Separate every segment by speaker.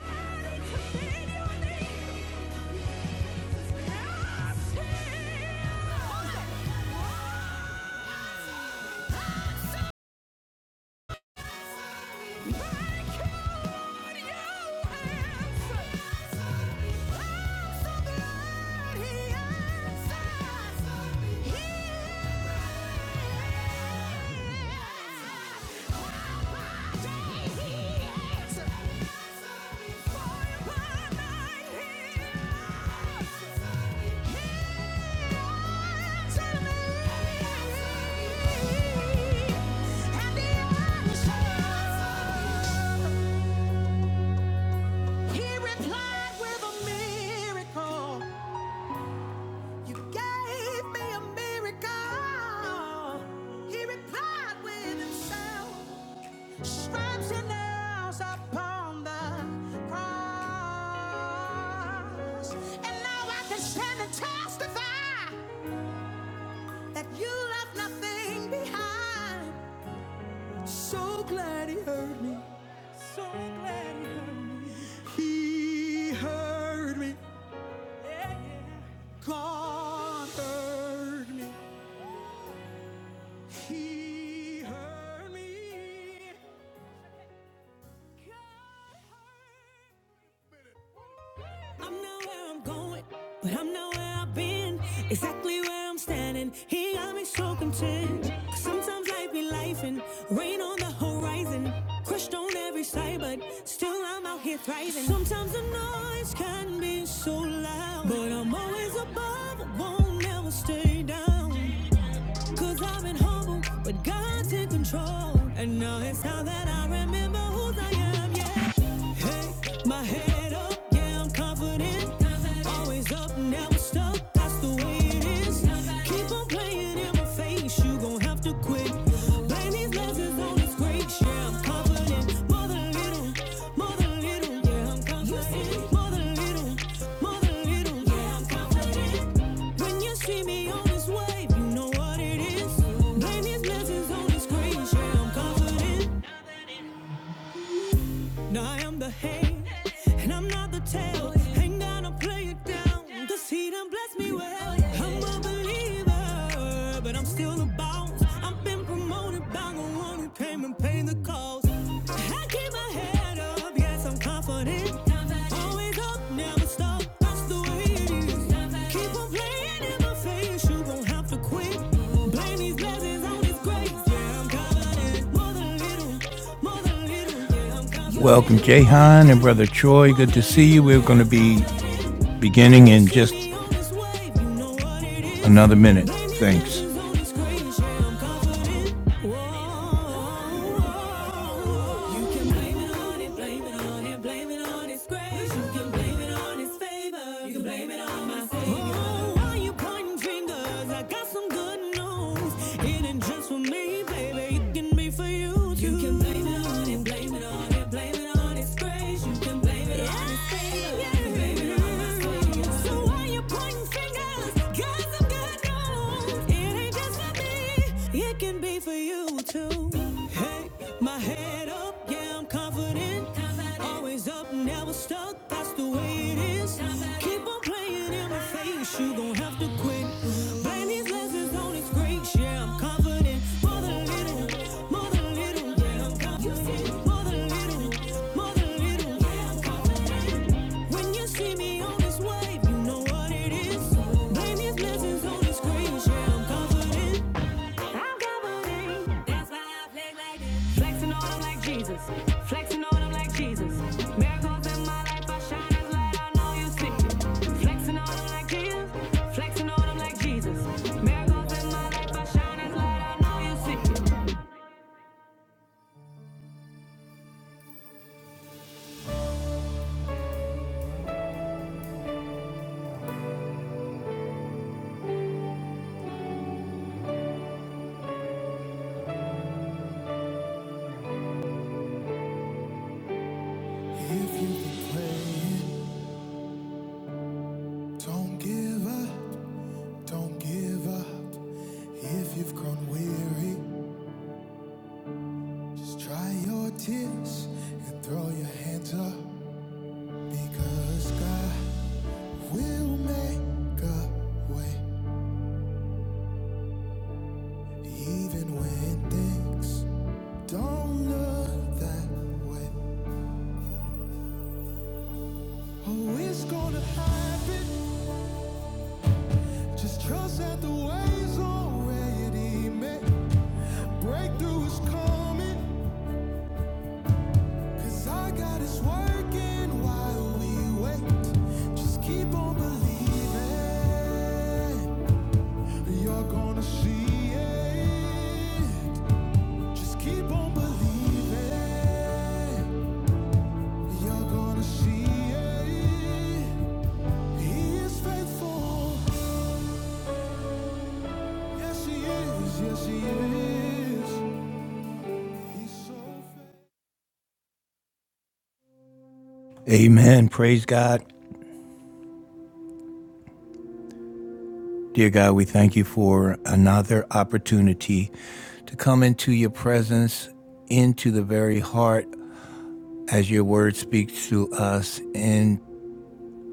Speaker 1: Yeah. He replied with a miracle. You gave me a miracle. He replied with himself. Stripes and nails upon the cross. And now I can stand and testify that you left nothing behind. So glad he heard me. So glad he heard me. He heard me. Yeah, yeah. God heard me. He heard me. God heard me. I'm not where I'm going, but I'm not where I've been. Exactly where I'm standing, he got me so content. Sometimes life be life and rain on the horizon. Crushed on every side, but still I'm out here thriving. Sometimes the noise can be so loud, but I'm always above, won't ever stay down, i I've been humble, but God's in control. And now it's time that I remember who I am, yeah. My head up, yeah, I'm confident. Always up, never stuck, that's the way it is. Keep on playing in my face, you gon' have to quit. Blame these lessons on this grace, yeah, I'm confident. Mother little, mother little, yeah, I'm confident. Mother little, mother little, yeah, I'm confident. When you see me on this wave, you know what it is. Blame these lessons on this grace, yeah, I'm confident. Now I am the head, and I'm not the tail. Ain't gonna play it down, cause he done blessed me well. I'm a believer, but I'm still a bounce. I've been promoted by the one who came and paid the cost. I keep my head up, yes, I'm confident. Always up, never stop, that's the way it is. Keep on playing in my face, you gon' have to quit. Blame these blessings on his grace, yeah, I'm confident. More than little, more than little. Welcome, Jahan and Brother Troy. Good to see you. We're going to be beginning in just another minute. Thanks. You can blame it on it, blame it on it, blame it on it, its grace ways. You can blame it on his failure. You can blame it on his failure. So why you pointing fingers? Cause I'm good, no. It ain't just for me. It can be for you too. Hey, my head up. Yeah, I'm confident. confident. Always up, never stuck. That's the way it is. Confident. Keep on playing in my face. You gon' have to quit. Blame these lessons on his great. Yeah, I'm confident. Mother little, mother little. Yeah, I'm confident. Mother little more than little. When you see me on this wave, you know what it is. Blame these blessings on the screen, yeah, I'm confident. I'm confident. That's why I flex like this. Flexing on 'em like Jesus. Flexing on 'em like Jesus. Miracles in my life, I shine light, I know you see Flexing on 'em like Jesus. Flexing on 'em like Jesus. Miracles in my life, I shine light, I know you see If you can play don't give up. Don't give up if you've grown weary. Just dry your tears and throw your hands up. Because God will make a way even when things don't look that way. Oh, it's gonna happen. Just trust that the way's already made. Breakthrough is coming. Yes, Yes, Amen. Praise God. Dear God, we thank you for another opportunity to come into your presence, into the very heart as your word speaks to us in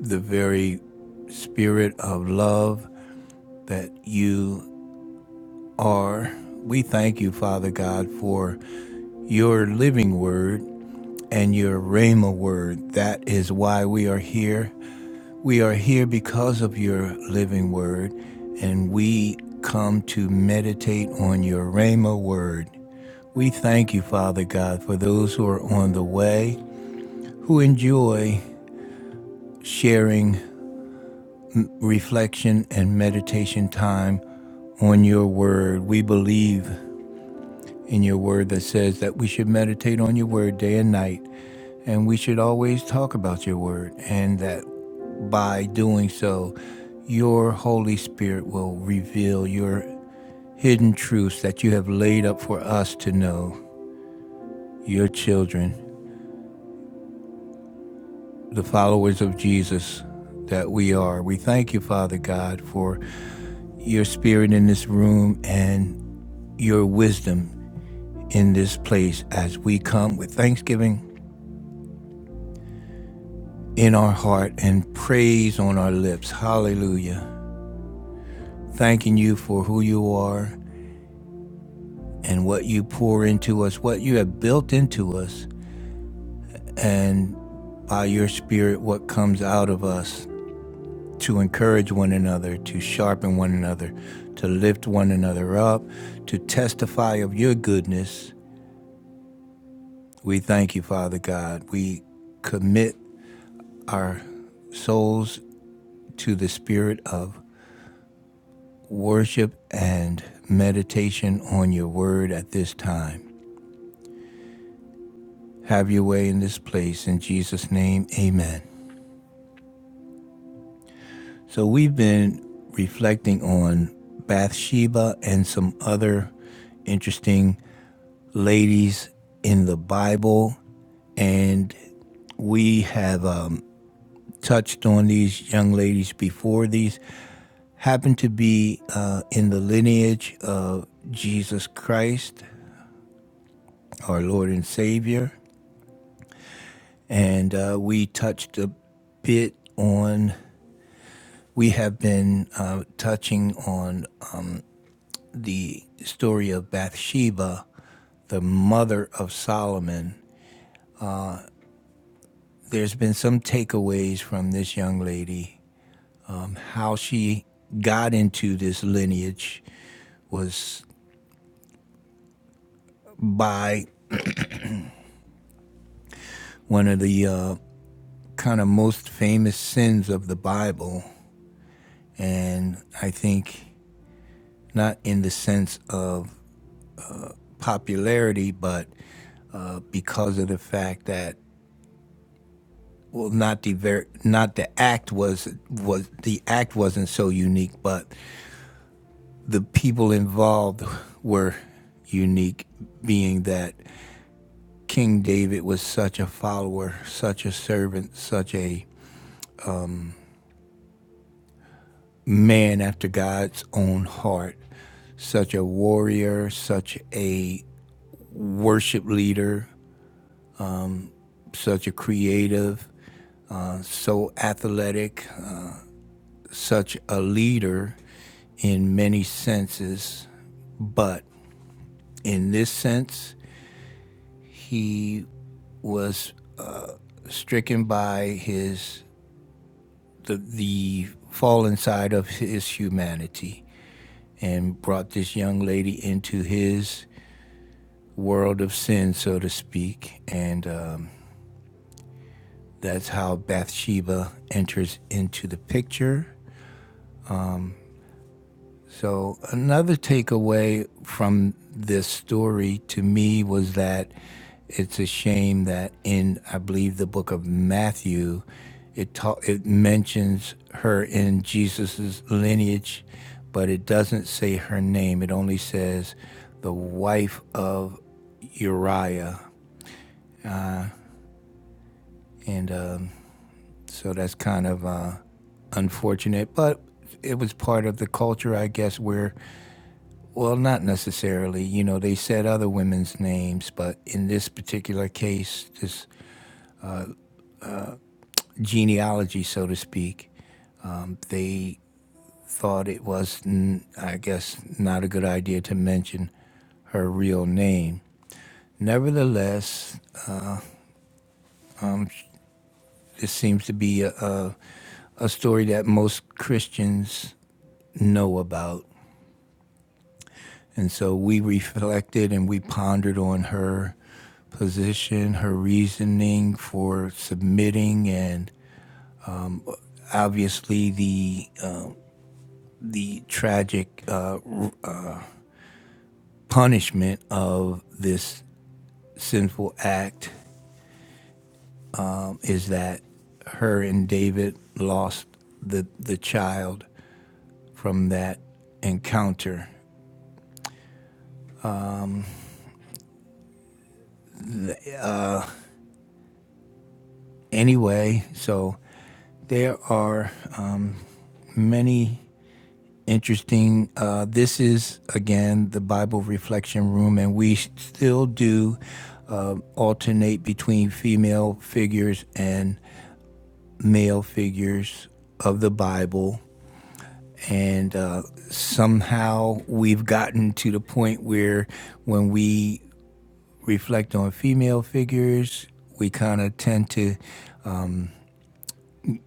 Speaker 1: the very spirit of love that you are. We thank you, Father God, for your living word and your Rhema word. That is why we are here. We are here because of your living word, and we come to meditate on your Rhema word. We thank you, Father God, for those who are on the way, who enjoy sharing reflection and meditation time on your word. We believe in your word that says that we should meditate on your word day and night, and we should always talk about your word, and that by doing so, your Holy Spirit will reveal your hidden truths that you have laid up for us to know, your children, the followers of Jesus that we are. We thank you, Father God, for your spirit in this room and your wisdom in this place as we come with thanksgiving in our heart and praise on our lips. Hallelujah. Thanking you for who you are and what you pour into us, what you have built into us, and by your Spirit, what comes out of us to encourage one another, to sharpen one another, to lift one another up, to testify of your goodness. We thank you, Father God. We commit our souls to the Spirit of worship and meditation on your word at this time. Have your way in this place. In Jesus' name, amen. So, we've been reflecting on Bathsheba and some other interesting ladies in the Bible, and we have um, touched on these young ladies before. These happen to be uh, in the lineage of Jesus Christ, our Lord and Savior. and uh, we touched a bit on. We have been uh, touching on uh, the story of Bathsheba, the mother of Solomon. There's been some takeaways from this young lady. How she got into this lineage was by one of the uh, kind of most famous sins of the Bible. And I think not in the sense of popularity, but uh, because of the fact that well, not the ver- not the act was was the act wasn't so unique, but the people involved were unique, being that King David was such a follower, such a servant, such a man after God's own heart, such a warrior, such a worship leader, such a creative, uh, so athletic, such a leader in many senses, but in this sense, he was stricken by his the, the fallen side of his humanity and brought this young lady into his world of sin, so to speak. And um, that's how Bathsheba enters into the picture. So, another takeaway from this story to me was that it's a shame that in, I believe, the book of Matthew, it, ta- it mentions her in Jesus's lineage, but it doesn't say her name. It only says the wife of Uriah. And um, so that's kind of uh, unfortunate, but it was part of the culture, I guess, where Well, not necessarily. You know, they said other women's names, but in this particular case, this genealogy, so to speak, um, they thought it was, mm, I guess, not a good idea to mention her real name. Nevertheless, this seems to be a, a, a story that most Christians know about. And so we reflected and we pondered on her position, her reasoning for submitting, and obviously the uh, the tragic uh, punishment of this sinful act is that her and David lost the the child from that encounter. Anyway, so there are uh, many interesting. Uh, this is again the Bible Reflection Room, and we still do uh, alternate between female figures and male figures of the Bible. And uh, somehow we've gotten to the point where when we reflect on female figures, we kind of tend to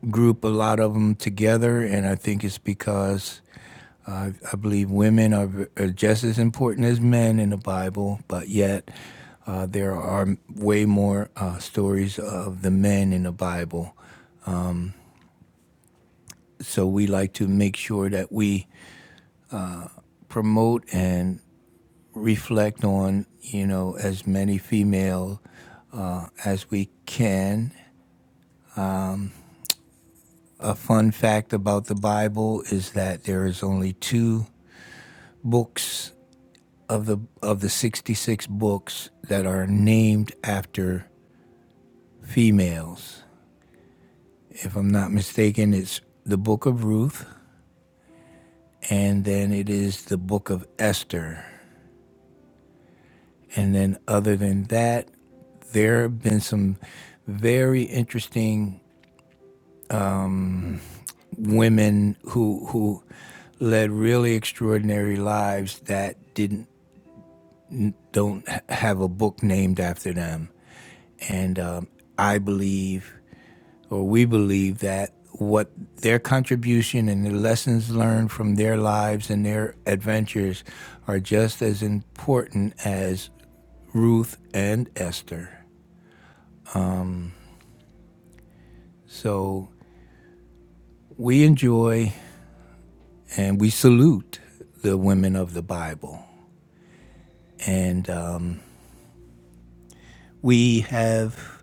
Speaker 1: group a lot of them together. And I think it's because I, I believe women are, are just as important as men in the Bible, but yet uh, there are way more uh, stories of the men in the Bible. So we like to make sure that we promote and reflect on, you know, as many female uh, as we can. A fun fact about the Bible is that there is only two books of the of the 66 books that are named after females. If I'm not mistaken, it's the book of Ruth and then it is the book of Esther. And then other than that, there have been some very interesting women who who led really extraordinary lives that didn't don't have a book named after them. And um, I believe, or we believe, that what their contribution and the lessons learned from their lives and their adventures are just as important as Ruth and Esther. So we enjoy and we salute the women of the Bible. And um, we have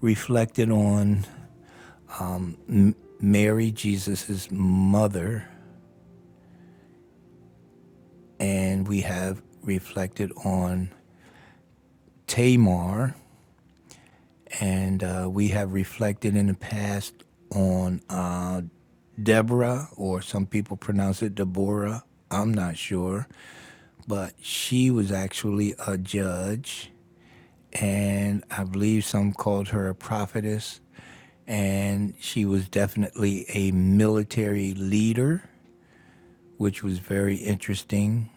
Speaker 1: reflected on Mary, Jesus's mother, and we have reflected on Tamar, and uh, we have reflected in the past on uh, Deborah, or some people pronounce it Deborah. I'm not sure, but she was actually a judge, and I believe some called her a prophetess, and she was definitely a military leader which was very interesting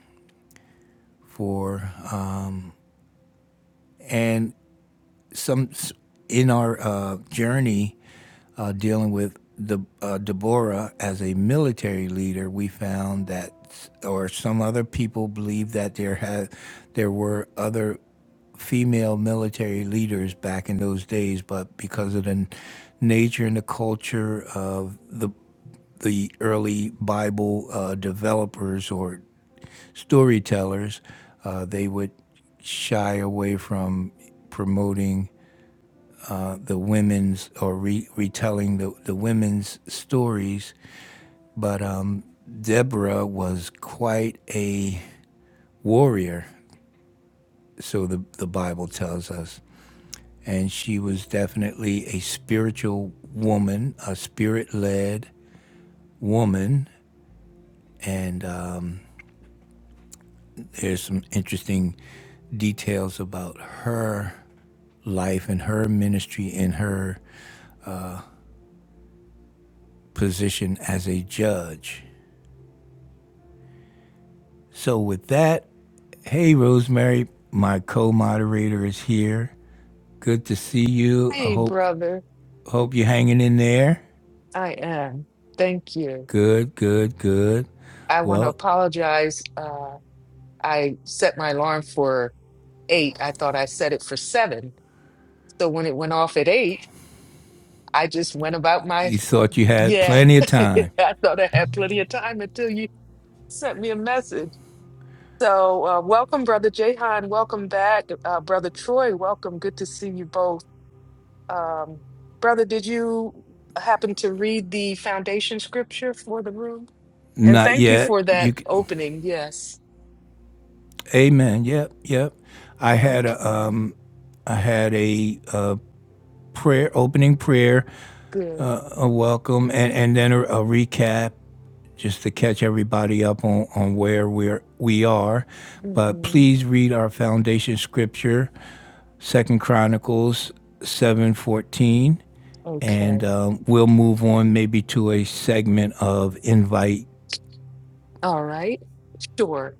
Speaker 1: for uh, and some in our uh, journey uh, dealing with the uh, Deborah as a military leader, we found that or some other people believe that there had there were other female military leaders back in those days, but because of the nature and the culture of the the early Bible uh, developers or storytellers, uh, they would shy away from promoting the women's or re- retelling the, the women's stories. But um, Deborah was quite a warrior, so the, the Bible tells us. And she was definitely a spiritual woman, a spirit led woman. And um, there's some interesting details about her life and her ministry and her position as a judge. So, with that, hey, Rosemary, my co moderator is here. Good to see you. I
Speaker 2: Hey,
Speaker 1: hope,
Speaker 2: brother,
Speaker 1: hope you're hanging in there.
Speaker 2: I am. Thank you.
Speaker 1: Good, good, good.
Speaker 2: I want to
Speaker 1: Well,
Speaker 2: apologize. Uh, I set my alarm for eight. I thought I set it for seven. So when it went off at eight, I just went about my,
Speaker 1: you thought you had
Speaker 2: yeah,
Speaker 1: plenty of time.
Speaker 2: I thought I had plenty of time until you sent me a message. So uh, welcome, brother Jahan. Welcome back, uh, brother Troy. Welcome. Good to see you both. Um, brother, did you happen to read the foundation scripture for the room? And
Speaker 1: Not
Speaker 2: thank you
Speaker 1: yet.
Speaker 2: for that
Speaker 1: You, c-
Speaker 2: opening. Yes.
Speaker 1: Amen. Yep, yep. I had a,
Speaker 2: Okay.
Speaker 1: um, I had a, uh prayer, opening prayer,
Speaker 2: Good.
Speaker 1: a welcome, and and then a, a recap, just to catch everybody up on, on where we're, we are. But
Speaker 2: hmm
Speaker 1: please read our foundation scripture, Second Chronicles 7.14, and
Speaker 2: Okay.
Speaker 1: um, we'll move on maybe to a segment of invite.
Speaker 2: All right. Sure.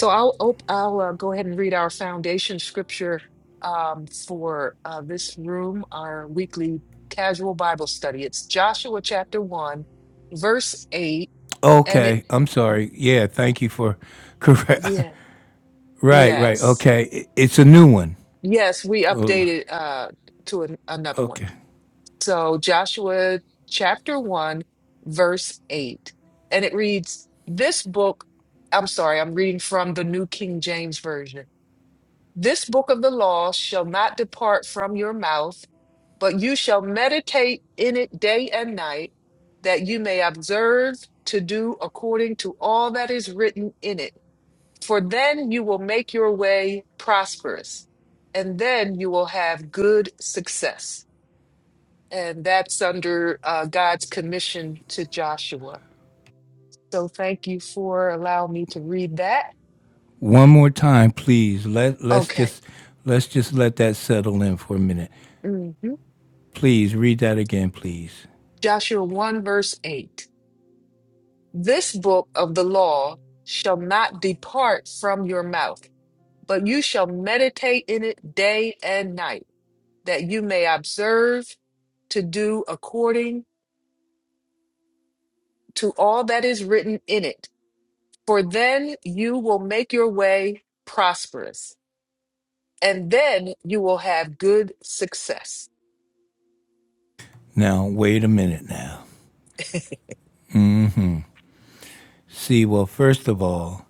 Speaker 2: So I'll op- I'll uh, go ahead and read our foundation scripture um, for uh, this room, our weekly casual Bible study. It's Joshua chapter one, verse eight, and it
Speaker 1: Okay, I'm sorry. Yeah, thank you for correct.
Speaker 2: yeah
Speaker 1: right, right.
Speaker 2: yes
Speaker 1: Okay, it's a new one.
Speaker 2: yes we
Speaker 1: Oh,
Speaker 2: updated uh, to an, another one.
Speaker 1: okay.
Speaker 2: So, Joshua chapter 1, verse 8. And it reads, This book, I'm sorry, I'm reading from the New King James Version. This book of the law shall not depart from your mouth, but you shall meditate in it day and night, that you may observe to do according to all that is written in it. For then you will make your way prosperous, and then you will have good success. And that's under uh, God's commission to Joshua. So thank you for allowing me to read that.
Speaker 1: One more time, please. Let let's
Speaker 2: Okay.
Speaker 1: just let's just let that settle in for a minute.
Speaker 2: hmm
Speaker 1: Please read that again, please.
Speaker 2: Joshua 1, verse 8. This book of the law shall not depart from your mouth, but you shall meditate in it day and night, that you may observe to do according to all that is written in it. For then you will make your way prosperous and then you will have good success.
Speaker 1: Now, wait a minute now. hmm See, well, first of all,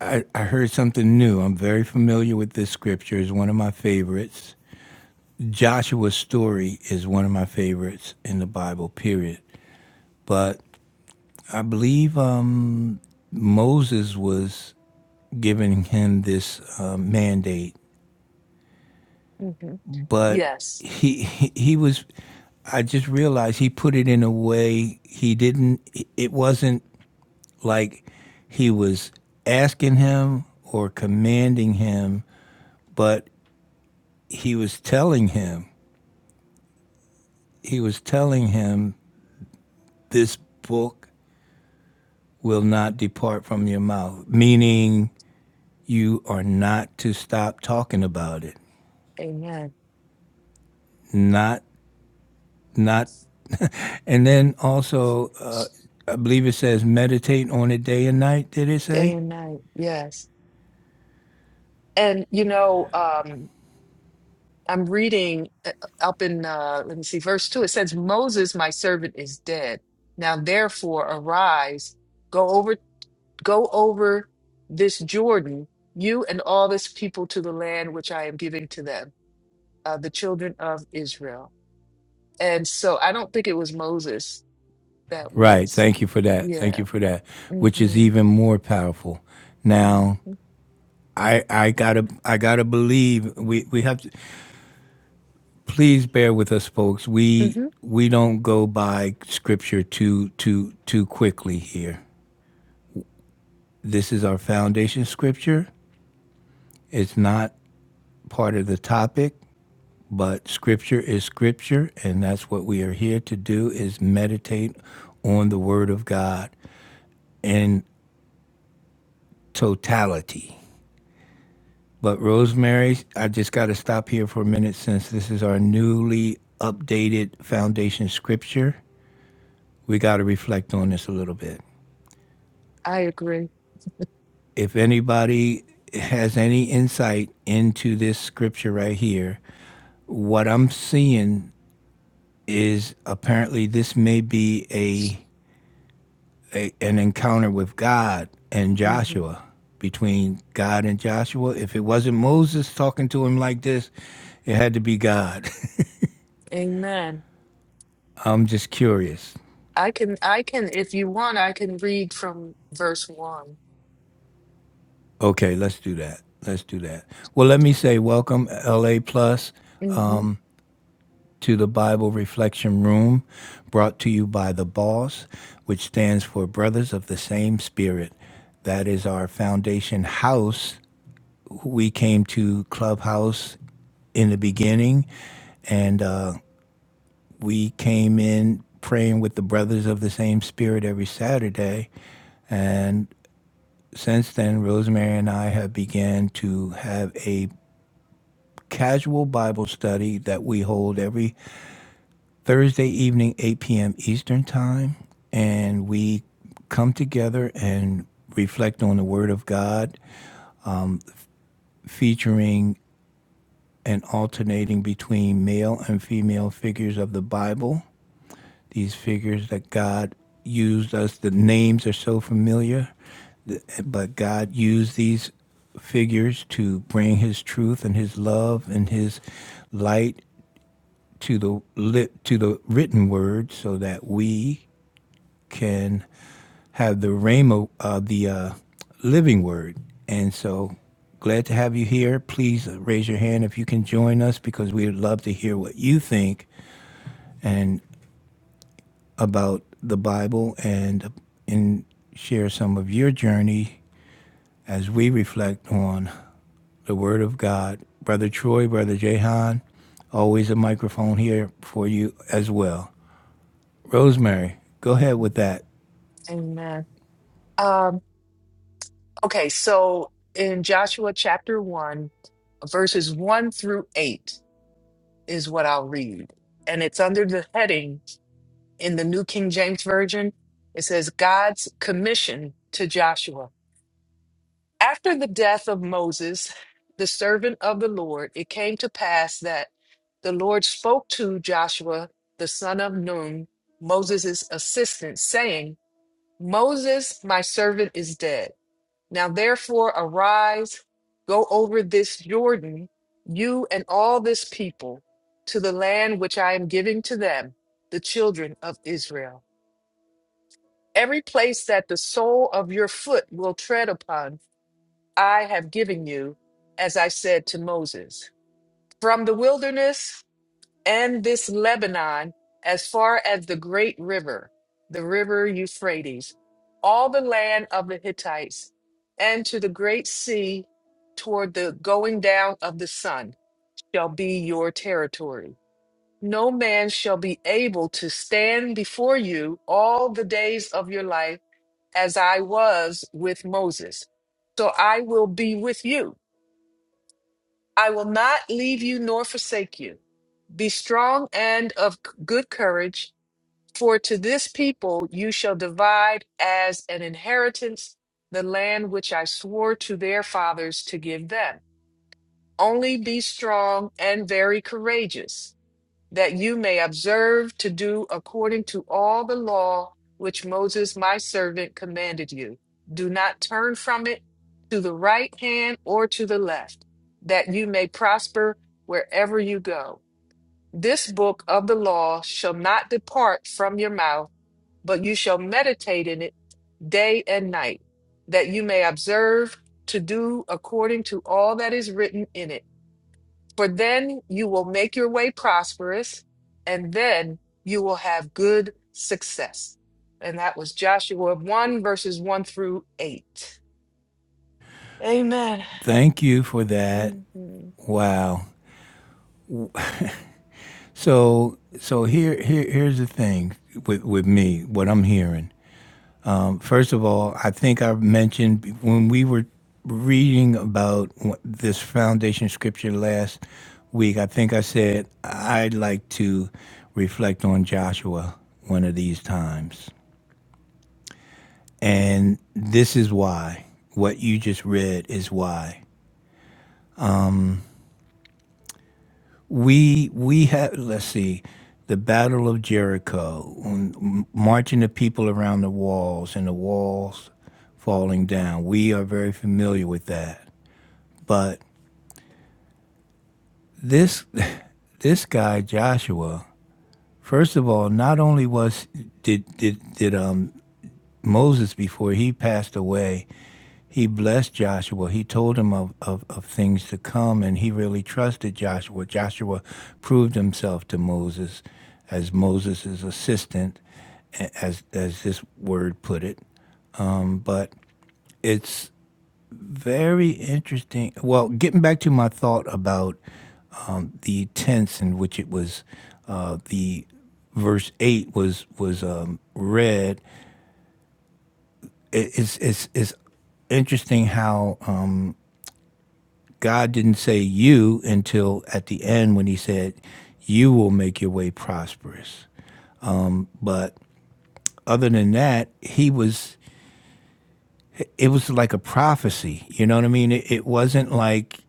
Speaker 1: I, I heard something new. I'm very familiar with this scripture. It's one of my favorites. Joshua's story is one of my favorites in the Bible, period. But I believe um, Moses was giving him this uh, mandate,
Speaker 2: hmm
Speaker 1: but
Speaker 2: Yes.
Speaker 1: he, he he was. I just realized he put it in a way he didn't. It wasn't like he was asking him or commanding him, but he was telling him, he was telling him, this book will not depart from your mouth, meaning you are not to stop talking about it.
Speaker 2: Amen.
Speaker 1: Not, not, and then also, uh, I believe it says meditate on it day and night, did it
Speaker 2: Day
Speaker 1: say?
Speaker 2: and night. Yes. And, you know, um, I'm reading uh, up in, uh, let me see, verse two. It says, Moses, my servant, is dead. Now, therefore, arise, go over, go over this Jordan, you and all this people to the land which I am giving to them, uh, the children of Israel. And so I don't think it was Moses that
Speaker 1: Right.
Speaker 2: was,
Speaker 1: Thank you for that.
Speaker 2: yeah.
Speaker 1: Thank you for that, which is
Speaker 2: Mm-hmm.
Speaker 1: even more powerful. Now,
Speaker 2: Mm-hmm.
Speaker 1: I, I gotta I gotta believe we, we have to please bear with us folks. We
Speaker 2: Mm-hmm.
Speaker 1: we don't go by scripture too too too quickly here. This is our foundation scripture. It's not part of the topic, but scripture is scripture and that's what we are here to do is meditate on the word of God in totality. But Rosemary, I just got to stop here for a minute since this is our newly updated foundation scripture. we got to reflect on this a little bit.
Speaker 2: I agree.
Speaker 1: If anybody has any insight into this scripture right here, what I'm seeing is apparently this may be a, a an encounter with God and
Speaker 2: Mm-hmm.
Speaker 1: Joshua between God and Joshua. If it wasn't Moses talking to him like this, it had to be God.
Speaker 2: Amen.
Speaker 1: I'm just curious.
Speaker 2: I can, I can, if you want, I can read from verse one.
Speaker 1: Okay, let's do that. Let's do that. Well, let me say welcome, LA Plus.
Speaker 2: Mm-hmm.
Speaker 1: to the Bible Reflection Room, brought to you by the BOSS, which stands for Brothers of the Same Spirit. That is our foundation house. We came to Clubhouse in the beginning, and uh, we came in praying with the Brothers of the Same Spirit every Saturday. And since then, Rosemary and I have began to have a casual Bible study that we hold every Thursday evening, 8 p.m. Eastern Time, and we come together and reflect on the Word of God, featuring and alternating between male and female figures of the Bible, these figures that God used us, the names are so familiar, but God used these figures to bring his truth and his love and his light to the lit, to the written word so that we can have the rhema, uh, the uh, living word. And so glad to have you here. Please uh, raise your hand if you can join us because we would love to hear what you think and about the Bible and uh, and share some of your journey as we reflect on the Word of God. Brother Troy, Brother Jehan, always a microphone here for you as well. Rosemary, go ahead with that.
Speaker 2: Amen. Um, okay, so in Joshua chapter one, verses one through eight is what I'll read. And it's under the heading in the New King James Version. It says God's commission to Joshua. After the death of Moses, the servant of the Lord, it came to pass that the Lord spoke to Joshua, the son of Nun, Moses' assistant, saying, Moses, my servant, is dead. Now therefore arise, go over this Jordan, you and all this people, to the land which I am giving to them, the children of Israel. Every place that the sole of your foot will tread upon, I have given you, as I said to Moses, from the wilderness and this Lebanon, as far as the great river, the river Euphrates, all the land of the Hittites, and to the great sea toward the going down of the sun shall be your territory. No man shall be able to stand before you all the days of your life as I was with Moses. So I will be with you I will not leave you nor forsake you. Be strong and of c- good courage, for to this people you shall divide as an inheritance the land which I swore to their fathers to give them. Only be strong and very courageous that you may observe to do according to all the law which Moses my servant commanded you. Do not turn from it to the right hand or to the left, that you may prosper wherever you go. This book of the law shall not depart from your mouth, but you shall meditate in it day and night, that you may observe to do according to all that is written in it. For then you will make your way prosperous, and then you will have good success. And that was Joshua 1 verses 1 through 8. Amen.
Speaker 1: Thank you for that.
Speaker 2: Mhm.
Speaker 1: Wow. So so here here here's the thing with with me what I'm hearing. First of all, I think I mentioned when we were reading about this foundation scripture last week. I think I said I'd like to reflect on Joshua one of these times. And this is why what you just read is why we we had let's see the battle of jericho when m- marching the people around the walls and the walls falling down we are very familiar with that but this this guy joshua first of all not only was did did, did um moses before he passed away he blessed Joshua. He told him of, of, of things to come, and he really trusted Joshua. Joshua proved himself to Moses as Moses' assistant, as, as this word put it. But it's very interesting. Well, getting back to my thought about the tense in which it was uh, the verse 8 was was um, read it, it's, it's, it's interesting how God didn't say you until at the end when he said, You will make your way prosperous. But other than that, he was it was like a prophecy. You know what I mean? It, it wasn't like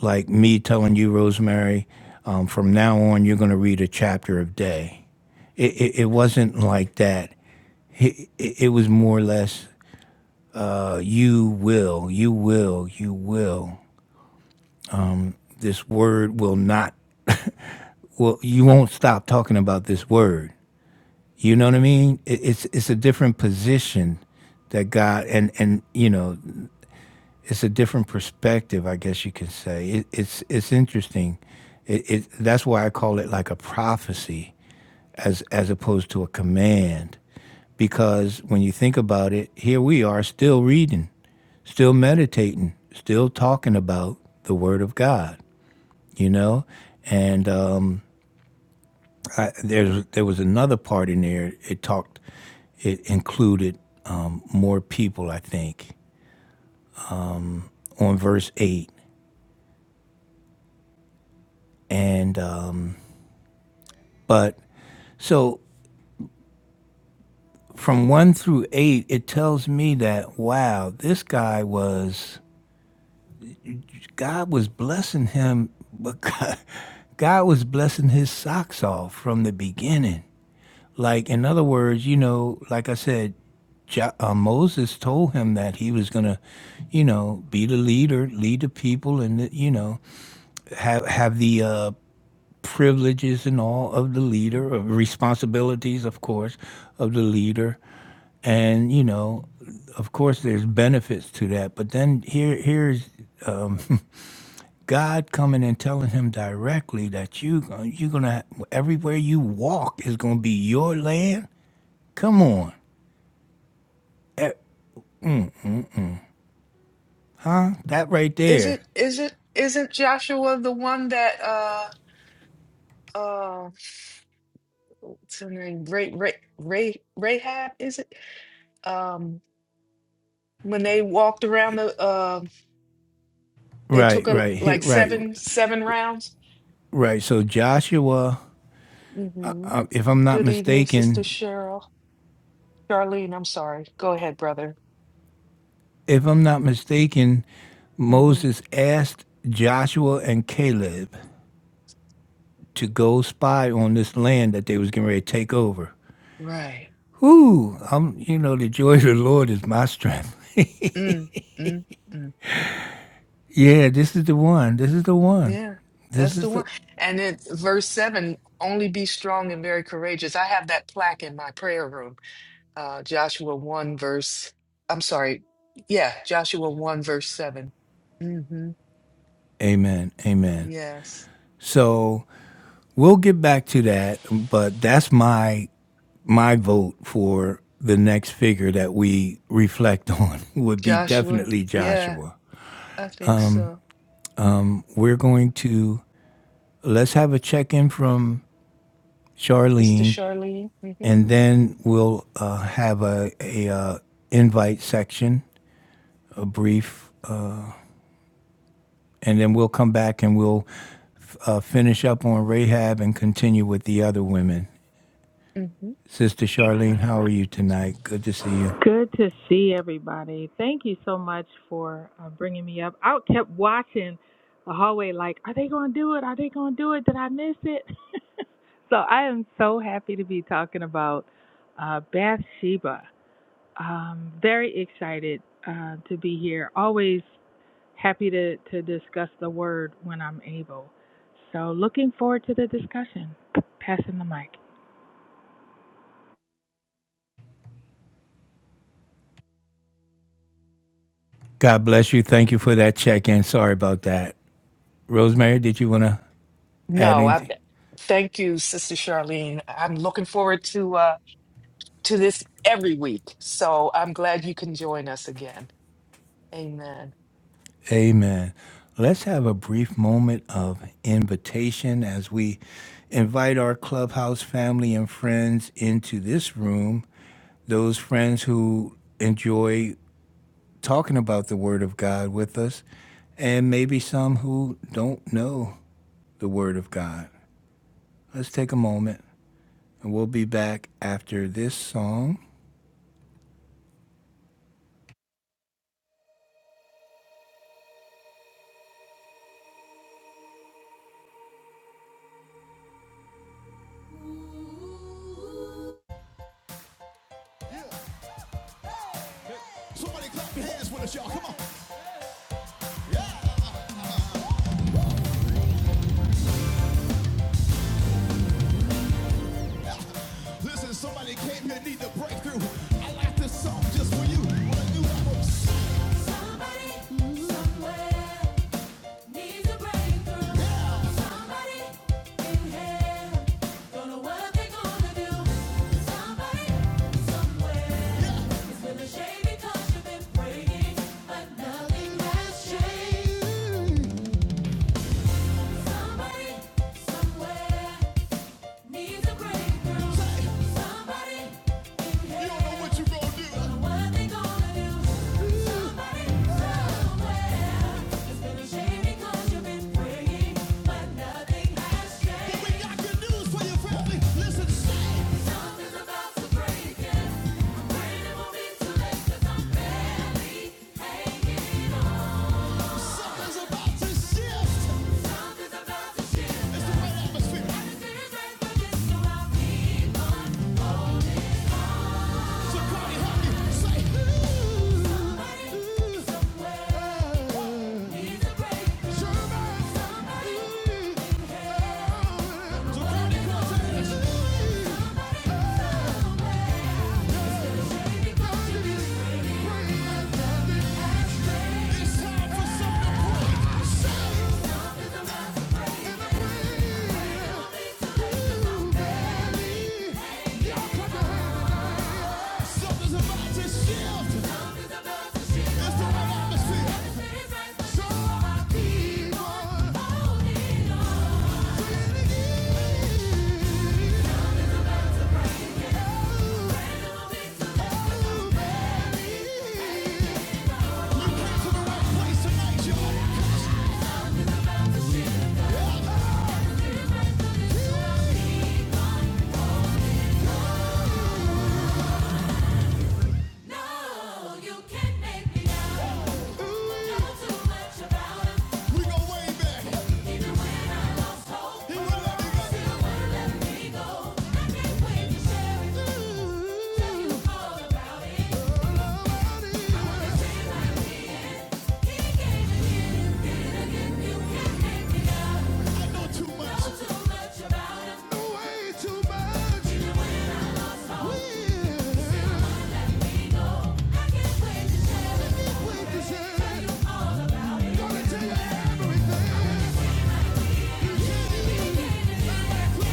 Speaker 1: like me telling you, Rosemary, um, from now on you're gonna read a chapter a day. It, it, it wasn't like that. It, it, it was more or less, uh, you will, you will, you will. This word will not well you won't stop talking about this word You know what I mean? It, it's it's a different position that God and and you know it's a different perspective. I guess you could say it, it's it's interesting. It, it that's why I call it like a prophecy as as opposed to a command, because when you think about it, here we are still reading, still meditating, still talking about the Word of God. You know, and um, I, there's there was another part in there. It talked, it included um, more people, I think, on verse eight. And um, but so from one through eight, it tells me that wow, this guy was God was blessing him, but God, God was blessing his socks off from the beginning. Like, in other words, you know, like I said, Jo- uh, Moses told him that he was going to, you know, be the leader, lead the people, and the, you know, have have the uh, privileges and all of the leader, of responsibilities, of course, of the leader, and you know, of course, there's benefits to that. But then here here's um, God coming and telling him directly that you you're gonna everywhere you walk is gonna be your land. Come on. E, That right
Speaker 2: Is
Speaker 1: there.
Speaker 2: it is it isn't Joshua the one that uh uh what's her name? Ray Ray Ray Rahab, is it? Um when they walked around the uh they took
Speaker 1: Right,
Speaker 2: a
Speaker 1: right, hit
Speaker 2: like
Speaker 1: right,
Speaker 2: seven seven rounds.
Speaker 1: right. So Joshua,
Speaker 2: hmm
Speaker 1: uh, if I'm not
Speaker 2: Good evening, Sister
Speaker 1: mistaken,
Speaker 2: Cheryl. Charlene, I'm sorry. Go ahead, brother.
Speaker 1: if I'm not mistaken,
Speaker 2: hmm
Speaker 1: Moses asked Joshua and Caleb to go spy on this land that they was getting ready to take over.
Speaker 2: Right.
Speaker 1: Whoo, I'm, you know, the joy of the Lord is my strength.
Speaker 2: Mm, mm, mm.
Speaker 1: Yeah, this is the one. This is the one.
Speaker 2: Yeah,
Speaker 1: This
Speaker 2: that's
Speaker 1: is
Speaker 2: the one.
Speaker 1: the
Speaker 2: And then verse seven, only be strong and very courageous. I have that plaque in my prayer room. Uh, Joshua 1, verse, I'm sorry. Yeah, Joshua 1, verse 7. Mm-hmm.
Speaker 1: Amen. Amen.
Speaker 2: Yes.
Speaker 1: So we'll get back to that, but that's my my vote for the next figure that we reflect on would be
Speaker 2: Joshua.
Speaker 1: definitely
Speaker 2: Yeah,
Speaker 1: Joshua.
Speaker 2: I think so.
Speaker 1: We're going to let's have a check in from
Speaker 2: Sister
Speaker 1: Charlene,
Speaker 2: Charlene. Mm-hmm.
Speaker 1: and then we'll uh, have a, a uh, invite section, a brief, and then we'll come back and we'll uh, finish up on Rahab and continue with the other women.
Speaker 2: Mm-hmm.
Speaker 1: Sister Charlene, how are you tonight? Good to see you.
Speaker 3: Good to see everybody. Thank you so much for uh, bringing me up. I kept watching the hallway, like, are they going to do it? Are they going to do it? Did I miss it? so I am so happy to be talking about uh, Bathsheba. Um, very excited uh, to be here. Always happy to, to discuss the word when I'm able. So looking forward to the discussion. Passing the mic.
Speaker 1: God bless you. Thank you for that check in. Sorry about that. Rosemary, did you want to add
Speaker 2: No, I
Speaker 1: anything?
Speaker 2: thank you, Sister Charlene. I'm looking forward to. Uh, to this every week. So I'm glad you can join us again. Amen.
Speaker 1: Amen. Let's have a brief moment of invitation as we invite our clubhouse family and friends into this room, those friends who enjoy talking about the Word of God with us, and maybe some who don't know the Word of God. Let's take a moment and we'll be back after this song. Somebody clap your hands with us, y'all. Come on. Listen, somebody came here need a breakthrough. I like this song just for you. What a new album. Somebody, somewhere needs a breakthrough. Somebody. But we got good news for your family. Listen, something's about to shift. It's the right atmosphere. So help me say, ooh, ooh, uh, Jermaine Foster, it's time for something great. Say, something's about to- It's the right atmosphere. We go way back. He won't let me go. I know too much. way too much. We, we deserve. Gonna tell you everything. Yeah. Still,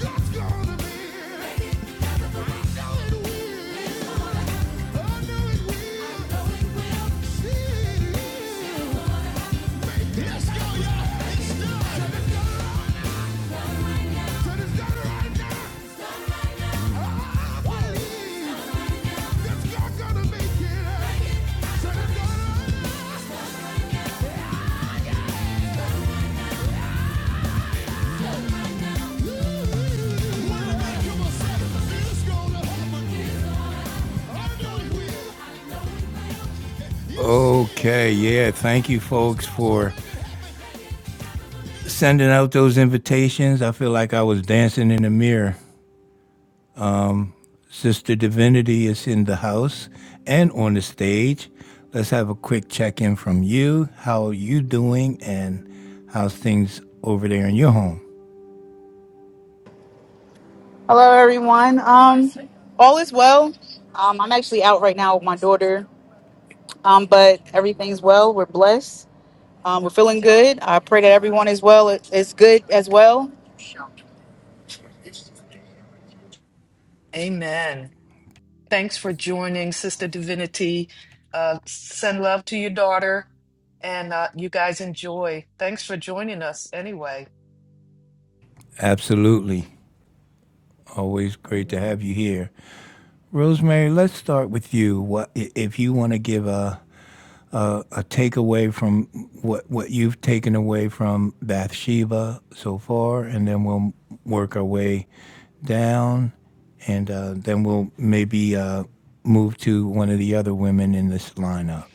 Speaker 1: God's gonna be. Know it will. Okay, yeah. Thank you, folks, for sending out those invitations. I feel like I was dancing in the mirror. Sister Divinity is in the house and on the stage. Let's have a quick check in from you. How are you doing and how's things over there in your home?
Speaker 4: Hello, everyone. Um, all is well. Um, I'm actually out right now with my daughter, um, but everything's well. We're blessed. Um, we're feeling good. I pray that everyone is well. Is good as well.
Speaker 2: Amen. Thanks for joining, Sister Divinity. Uh, send love to your daughter, and uh, you guys enjoy. Thanks for joining us anyway.
Speaker 1: Absolutely. Always great to
Speaker 2: Amen.
Speaker 1: have you here. Rosemary, let's start with you. What if you want to give a, a a takeaway from what what you've taken away from Bathsheba so far and then we'll work our way down, and uh, then we'll maybe uh, move to one of the other women in this lineup.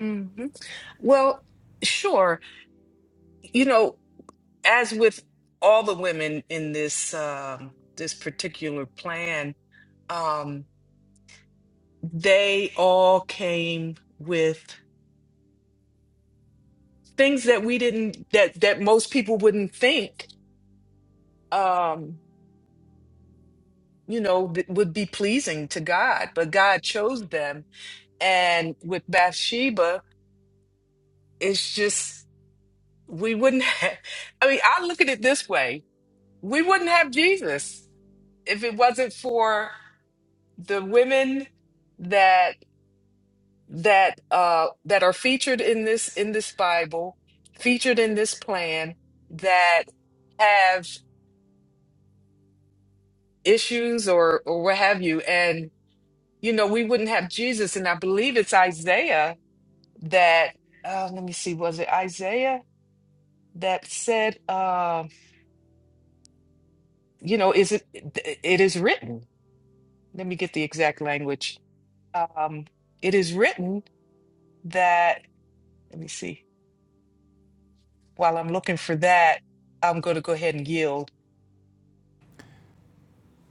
Speaker 2: Mhm. Well, sure. You know, as with all the women in this um, this particular plan, um, they all came with. things that we didn't that that most people wouldn't think um you know that would be pleasing to god but god chose them and with bathsheba it's just we wouldn't have, i mean i look at it this way we wouldn't have jesus if it wasn't for the women that that uh that are featured in this in this bible featured in this plan that have issues or or what have you and you know we wouldn't have jesus and i believe it's isaiah that uh, let me see was it isaiah that said uh, you know is it it is written let me get the exact language um, it is written that let me see while i'm looking for that i'm going to go ahead and yield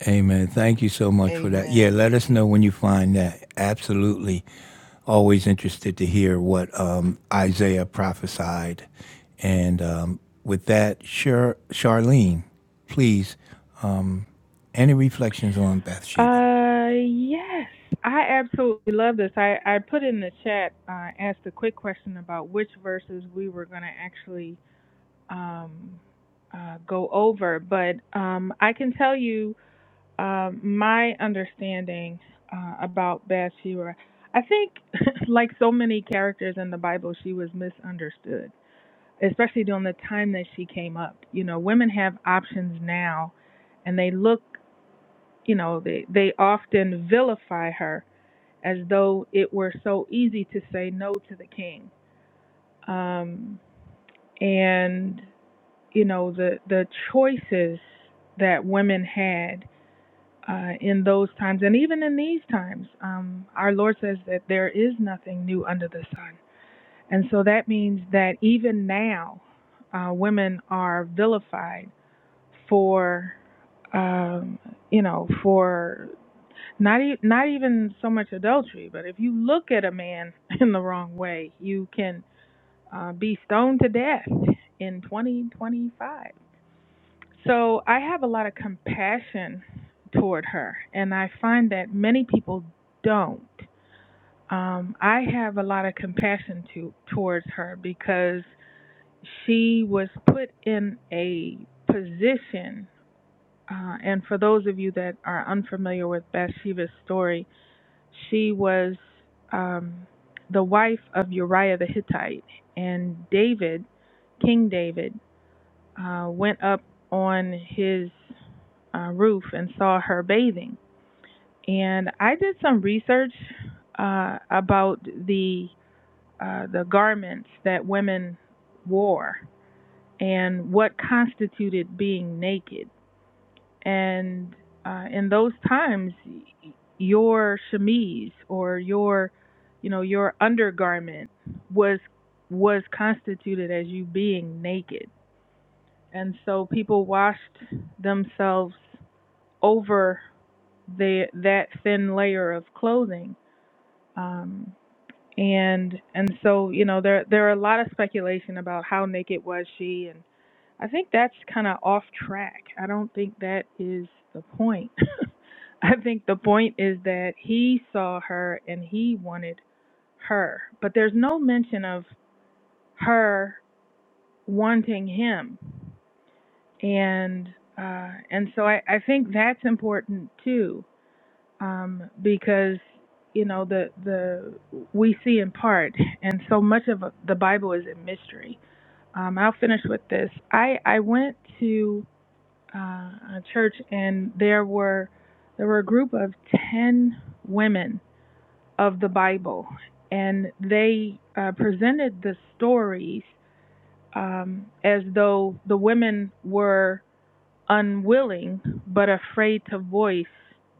Speaker 1: Amen. Thank you so much for that. Yeah,
Speaker 2: amen
Speaker 1: let us
Speaker 2: A-
Speaker 1: know when you find that. Absolutely. Always interested to hear what um, Isaiah prophesied. And um, with that, Char- Charlene, please, um, any reflections on Bathsheba?
Speaker 3: Uh, yes, I absolutely love this. I, I put in the chat, uh, asked a quick question about which verses we were going to actually um, uh, go over, but um, I can tell you um, my understanding uh, about Bathsheba. I think, like so many characters in the Bible, she was misunderstood, especially during the time that she came up. You know, women have options now, and they look you know they they often vilify her as though it were so easy to say no to the king um and you know the the choices that women had uh, in those times and even in these times um, our lord says that there is nothing new under the sun and so that means that even now uh, women are vilified for um, you know for Not e- not even so much adultery, but if you look at a man in the wrong way, you can uh, be stoned to death in 2025. So I have a lot of compassion toward her, and I find that many people don't. Um, I have a lot of compassion to towards her because she was put in a position. Uh, and for those of you that are unfamiliar with Bathsheba's story, she was um, the wife of Uriah the Hittite, and David, King David, uh, went up on his uh, roof and saw her bathing. And I did some research uh, about the uh, the garments that women wore and what constituted being naked. And uh, in those times, your chemise or your, you know, your undergarment was was constituted as you being naked. And so people washed themselves over the that thin layer of clothing. Um, and and so you know there there are a lot of speculation about how naked was she and I think that's kind of off track. I don't think that is the point. I think the point is that he saw her and he wanted her, but there's no mention of her wanting him, and uh, and so I, I think that's important too, um, because you know the the we see in part, and so much of the Bible is a mystery. Um, I'll finish with this. I I went to uh, a church, and there were there were a group of ten women of the Bible, and they uh, presented the stories um, as though the women were unwilling but afraid to voice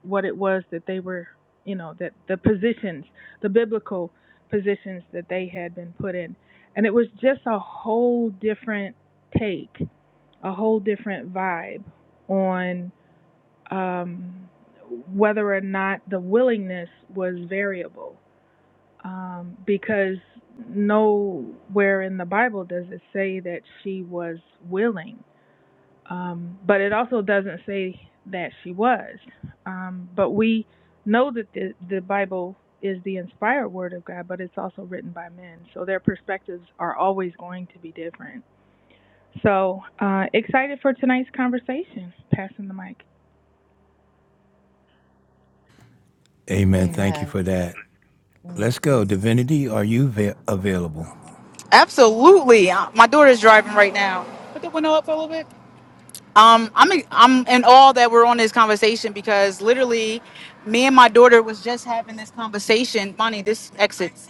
Speaker 3: what it was that they were, you know, that the positions, the biblical positions that they had been put in, and it was just a whole different take, a whole different vibe on um, whether or not the willingness was variable. Um, because nowhere in the Bible does it say that she was willing, um, but it also doesn't say that she was. Um, but we know that the, the Bible is the inspired word of God, but it's also written by men, so their perspectives are always going to be different. So uh, excited for tonight's conversation. Passing the mic.
Speaker 1: Amen. Thank you
Speaker 2: amen
Speaker 1: for that. Let's go.
Speaker 2: Mhm.
Speaker 1: Divinity, are you va- available?
Speaker 4: Absolutely. Uh, My daughter's driving right now. Put the window up a little bit. Um, I'm I'm in awe that we're on this conversation because literally, me and my daughter was just having this conversation. Money, this exit.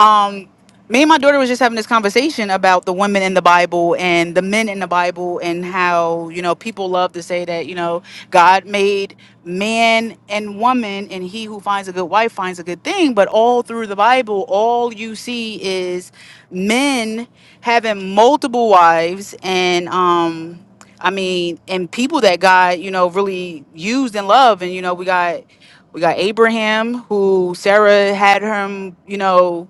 Speaker 4: um me and my daughter was just having this conversation about the women in the bible and the men in the bible and how you know people love to say that you know god made man and woman and he who finds a good wife finds a good thing but all through the bible all you see is men having multiple wives and um i mean and people that god you know really used and loved and you know we got we got abraham who sarah had him you know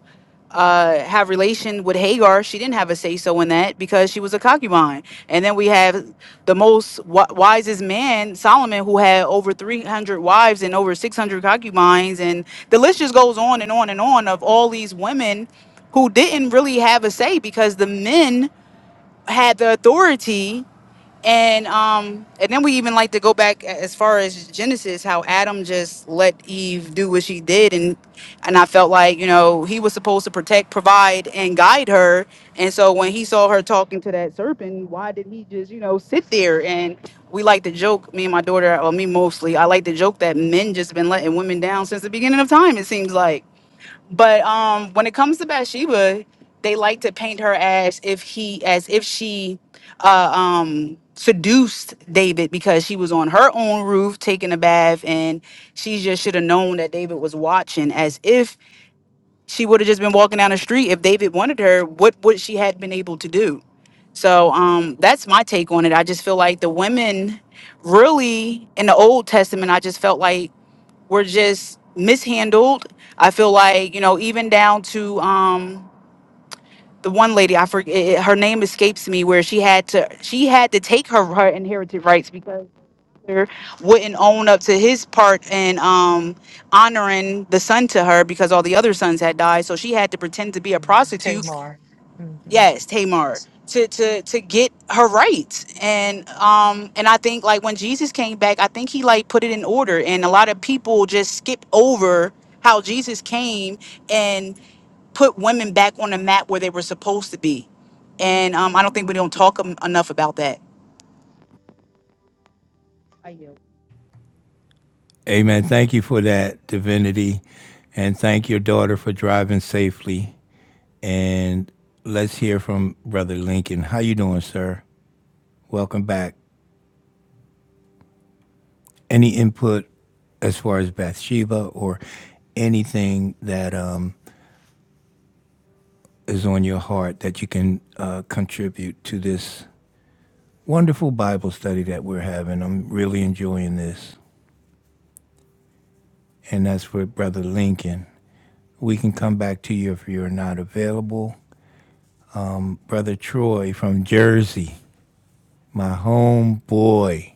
Speaker 4: uh, have relation with Hagar. She didn't have a say so in that because she was a concubine. And then we have the most wi- wisest man, Solomon, who had over 300 wives and over 600 concubines. And the list just goes on and on and on of all these women who didn't really have a say because the men had the authority and um and then we even like to go back a- as far as genesis how adam just let eve do what she did and and i felt like you know he was supposed to protect provide and guide her and so when he saw her talking to that serpent why did he just you know sit there and we like to joke me and my daughter or me mostly i like to joke that men just been letting women down since the beginning of time it seems like but um, when it comes to Bathsheba, they like to paint her as if he, as if she, uh, um, seduced David because she was on her own roof taking a bath, and she just should have known that David was watching. As if she would have just been walking down the street if David wanted her. What would she had been able to do? So um, that's my take on it. I just feel like the women, really, in the Old Testament, I just felt like were just mishandled. I feel like, you know, even down to um the one lady, I forget her name escapes me where she had to she had to take her her inherited rights because her wouldn't own up to his part in um honoring the son to her because all the other sons had died. So she had to pretend to be a
Speaker 2: Mhm.
Speaker 4: prostitute
Speaker 2: tamar hmm
Speaker 4: yes tamar to to to get her rights and um and i think like when jesus came back i think he like put it in order and a lot of people just skip over how jesus came and put women back on the map where they were supposed to be and um i don't think we don't talk em- enough about that
Speaker 1: Amen. Thank you for that divinity. And thank your daughter for driving safely. And let's hear from Brother Lincoln. How you doing, sir? Welcome back. Any input as far as Bathsheba or anything that um, is on your heart that you can uh, contribute to this wonderful Bible study that we're having? I'm really enjoying this. And that's for Brother Lincoln. We can come back to you if you're not available. Brother Troy from Jersey, my home boy.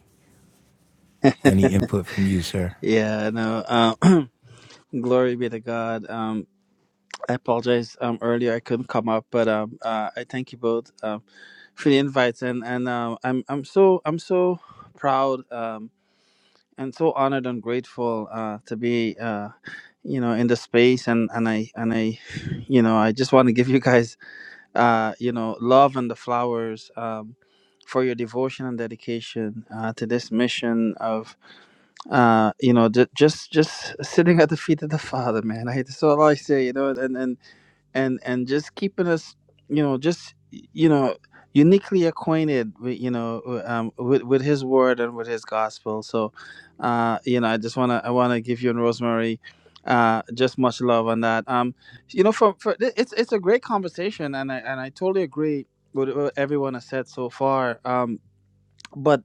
Speaker 1: Any input from you, sir?
Speaker 5: Yeah, no. Um, glory be to God. Um, I apologize. Um, earlier I couldn't come up, but um, uh, I thank you both um for the invites, and and um, I'm I'm so I'm so proud um and so honored and grateful uh to be uh you know in the space and and I and I you know I just want to give you guys uh you know love and the flowers um for your devotion and dedication uh to this mission of uh you know ju- just just sitting at the feet of the father man i that's all i say you know and and and and just keeping us you know just you know uniquely acquainted with you know w- um with, with his word and with his gospel so uh you know i just want to i want to give you and rosemary uh just much love on that um you know for, for it- it's it's a great conversation and i and i totally agree with what everyone has said so far um but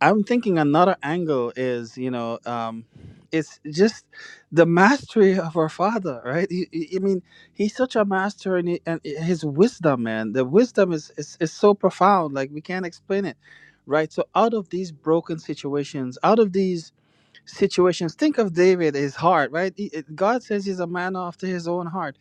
Speaker 5: I'm thinking another angle is, you know, um, it's just the mastery of our Father, right? He- he- I mean, He's such a master, and, he, and His wisdom, man, the wisdom is, is is so profound, like we can't explain it, right? So, out of these broken situations, out of these situations, think of David, his heart, right? He- it- God says he's a man after His own heart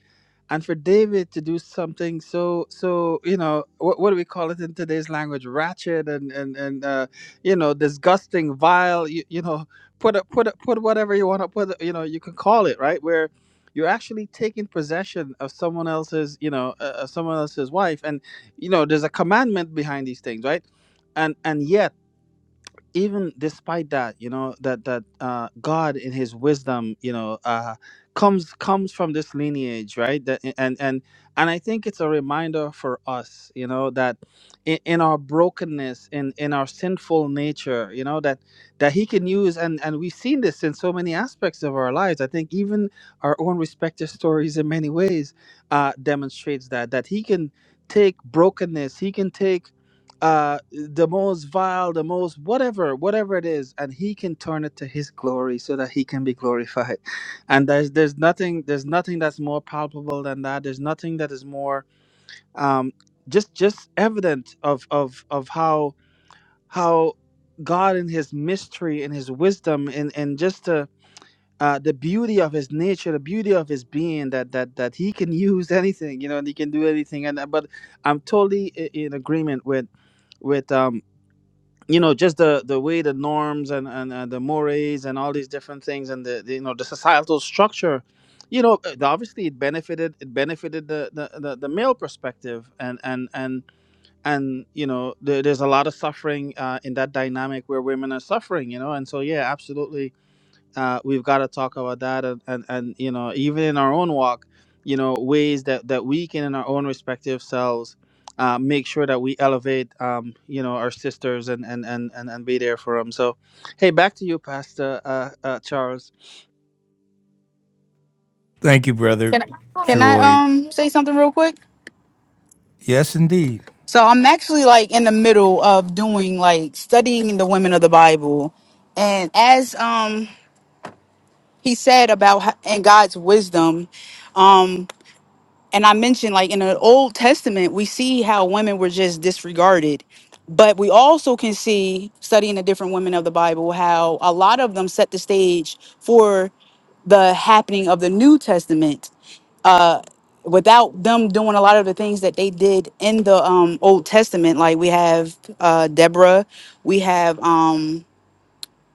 Speaker 5: and for David to do something so so you know what, what do we call it in today's language ratchet and and and uh, you know disgusting vile you, you know put a, put a, put whatever you want to put you know you can call it right where you're actually taking possession of someone else's you know uh, uh, someone else's wife and you know there's a commandment behind these things right and and yet even despite that you know that that uh god in his wisdom you know uh comes comes from this lineage right that and and and i think it's a reminder for us you know that in, in our brokenness in in our sinful nature you know that that he can use and and we've seen this in so many aspects of our lives i think even our own respective stories in many ways uh demonstrates that that he can take brokenness he can take uh the most vile the most whatever whatever it is and he can turn it to his glory so that he can be glorified and there's there's nothing there's nothing that's more palpable than that there's nothing that is more um just just evident of of of how how god in his mystery in his wisdom and and just the uh, the beauty of his nature, the beauty of his being, that that that he can use anything, you know, and he can do anything. And uh, but I'm totally i- in agreement with with um you know just the the way the norms and and, and the mores and all these different things and the, the you know the societal structure you know uh, obviously it benefited it benefited the the, the, the male perspective and and and and you know there, there's a lot of suffering uh, in that dynamic where women are suffering you know and so yeah absolutely uh, we've got to talk about that and, and and you know even in our own walk you know ways that that we can in our own respective selves uh, make sure that we elevate um, you know our sisters and and and and, and be there for them so hey back to you pastor uh, uh, charles
Speaker 1: Thank you, Brother
Speaker 4: can I, can
Speaker 1: Troy.
Speaker 4: I um say something real quick
Speaker 1: Yes, indeed.
Speaker 4: so i'm actually like in the middle of doing like studying the women of the bible and as um he said about h- and God's wisdom. Um, and I mentioned like in the Old Testament, we see how women were just disregarded, but we also can see studying the different women of the Bible how a lot of them set the stage for the happening of the New Testament. Uh, without them doing a lot of the things that they did in the um, Old Testament, like we have uh, Deborah, we have. um,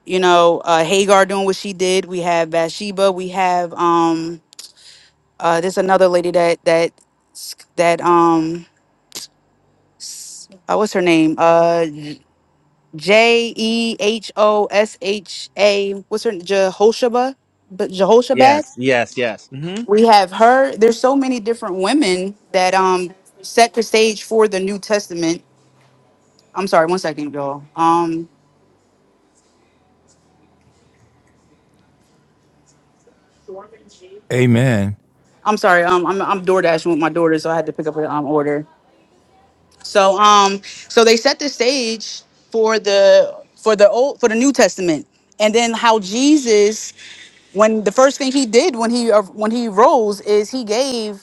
Speaker 4: you know, uh, Hagar doing what she did. We have Bathsheba. We have um, uh, there's another lady that that that um, uh, what's her name? Uh, J E H O S H A. What's her Jehoshaba? But Jehoshabat.
Speaker 5: Yes, yes, yes. hmm
Speaker 4: We have her. There's so many different women that um set the stage for the New Testament. I'm sorry, one second, y'all. Um,
Speaker 1: Amen.
Speaker 4: I'm sorry. Um, I'm I'm DoorDashing with my daughter, so I had to pick up an um, order. So um so they set the stage for the for the old for the New Testament. And then how Jesus when the first thing he did when he uh, when he rose is he gave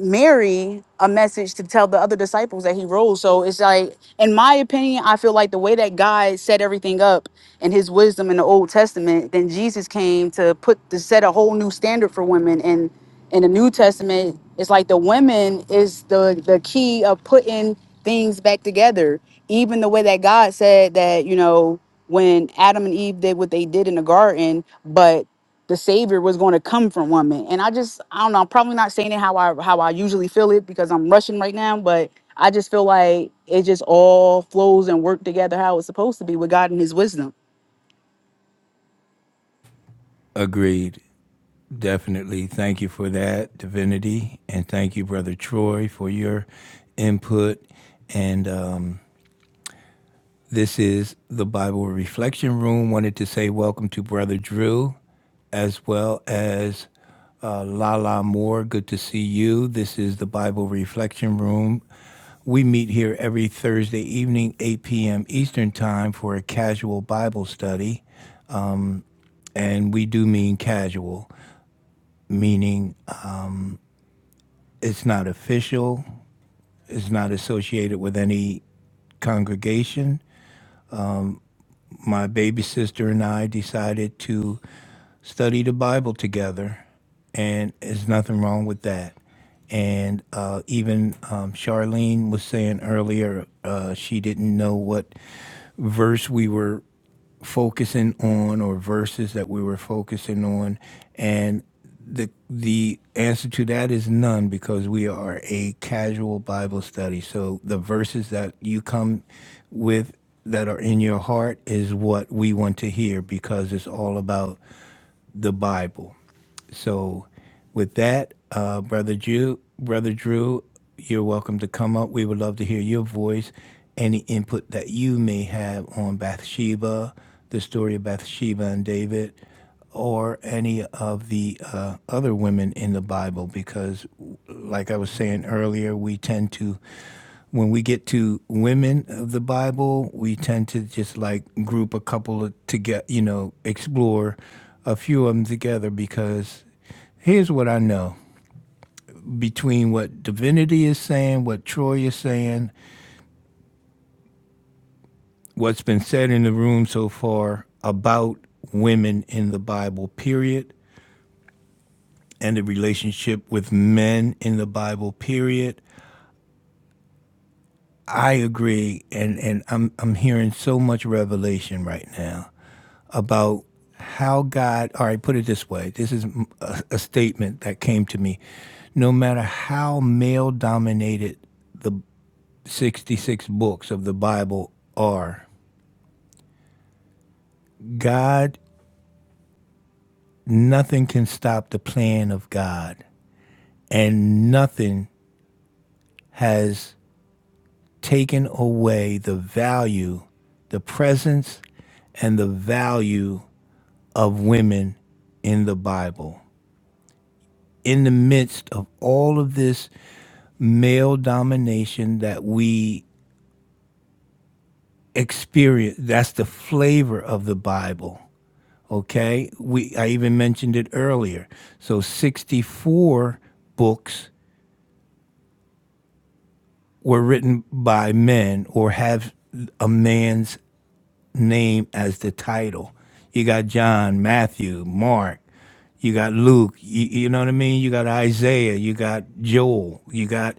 Speaker 4: Mary a message to tell the other disciples that he rose. So it's like, in my opinion, I feel like the way that God set everything up and his wisdom in the Old Testament, then Jesus came to put to set a whole new standard for women. And in the New Testament, it's like the women is the the key of putting things back together. Even the way that God said that, you know, when Adam and Eve did what they did in the garden, but the savior was going to come from woman and i just i don't know i'm probably not saying it how i how i usually feel it because i'm rushing right now but i just feel like it just all flows and work together how it's supposed to be with god and his wisdom
Speaker 1: Agreed. Definitely. Thank you for that, Divinity. And thank you, Brother Troy, for your input. And um, this is the Bible Reflection Room. Wanted to say welcome to Brother Drew as well as uh, Lala Moore. Good to see you. This is the Bible Reflection Room. We meet here every Thursday evening, 8 p.m. Eastern Time, for a casual Bible study. And we do mean casual, meaning uh, it's not official, it's not associated with any congregation. My baby sister and I decided to study the Bible together, and there's nothing wrong with that. And uh, even um, Charlene was saying earlier, uh, she didn't know what verse we were focusing on or verses that we were focusing on and the the answer to that is none because we are a casual bible study so the verses that you come with that are in your heart is what we want to hear because it's all about the bible so, with that, uh, brother Drew, brother Drew, you're welcome to come up. We would love to hear your voice, any input that you may have on Bathsheba, the story of Bathsheba and David, or any of the uh, other women in the Bible. Because, like I was saying earlier, we tend to when we get to women of the Bible, we tend to just like group a couple of together, you know, explore a few of them together because here's what I know between what divinity is saying, what Troy is saying, what's been said in the room so far about women in the Bible, period, and the relationship with men in the Bible, period. I agree, and, and I'm I'm hearing so much revelation right now. about how God, all right, put it this way this is a, a statement that came to me. No matter how male dominated the 66 books of the Bible are, God, nothing can stop the plan of God, and nothing has taken away the value, the presence, and the value of women in the Bible. In the midst of all of this male domination that we experience. That's the flavor of the Bible. Okay, we I even mentioned it earlier. So 64 books were written by men or have a man's name as the title. You got John, Matthew, Mark, you got Luke, you, you know what I mean? You got Isaiah, you got Joel, you got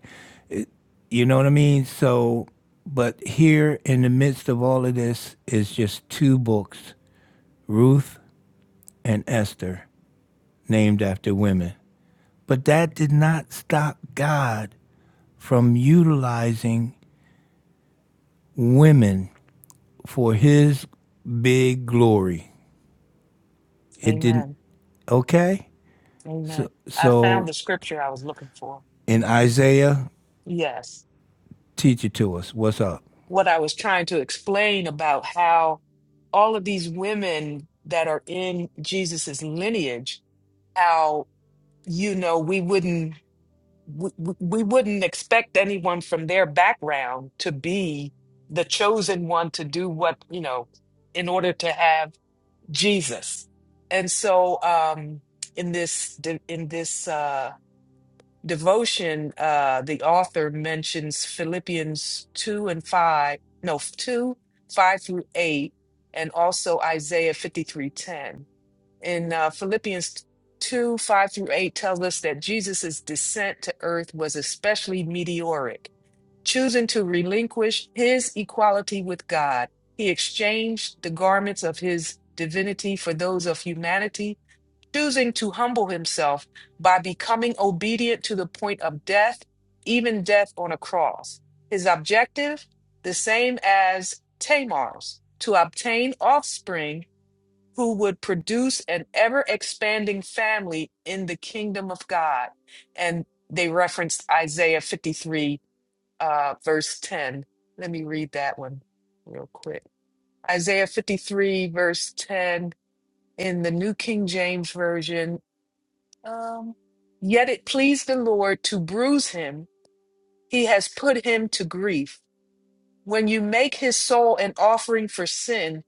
Speaker 1: You know what I mean? So, but here in the midst of all of this is just two books, Ruth and Esther, named after women. But that did not stop God from utilizing women for his big glory. It
Speaker 2: amen
Speaker 1: didn't, okay?
Speaker 2: Amen.
Speaker 1: So,
Speaker 2: I found
Speaker 1: so
Speaker 2: the scripture I was looking for.
Speaker 1: in
Speaker 2: hmm
Speaker 1: Isaiah,
Speaker 2: Yes.
Speaker 1: teach it to us. What's up?
Speaker 2: What I was trying to explain about how all of these women that are in Jesus's lineage, how, you know, we wouldn't. We, we we wouldn't expect anyone from their background to be the chosen one to do what you know in order to have Jesus. And so, um, in this in this uh, devotion, uh, the author mentions Philippians 2 and 5, no, 2, 5 through 8, and also Isaiah 53:10. In uh, Philippians 2, 5 through 8 tells us that Jesus' descent to earth was especially meteoric. Choosing to relinquish his equality with God, he exchanged the garments of his divinity for those of humanity choosing to humble himself by becoming obedient to the point of death, even death on a cross. His objective, the same as Tamar's, to obtain offspring who would produce an ever expanding family in the kingdom of God. And they referenced Isaiah 53, uh, verse 10. Let me read that one real quick. Isaiah 53, verse 10 in the New King James Version um, Yet it pleased the Lord to bruise him. He has put him to grief. When you make his soul an offering for sin,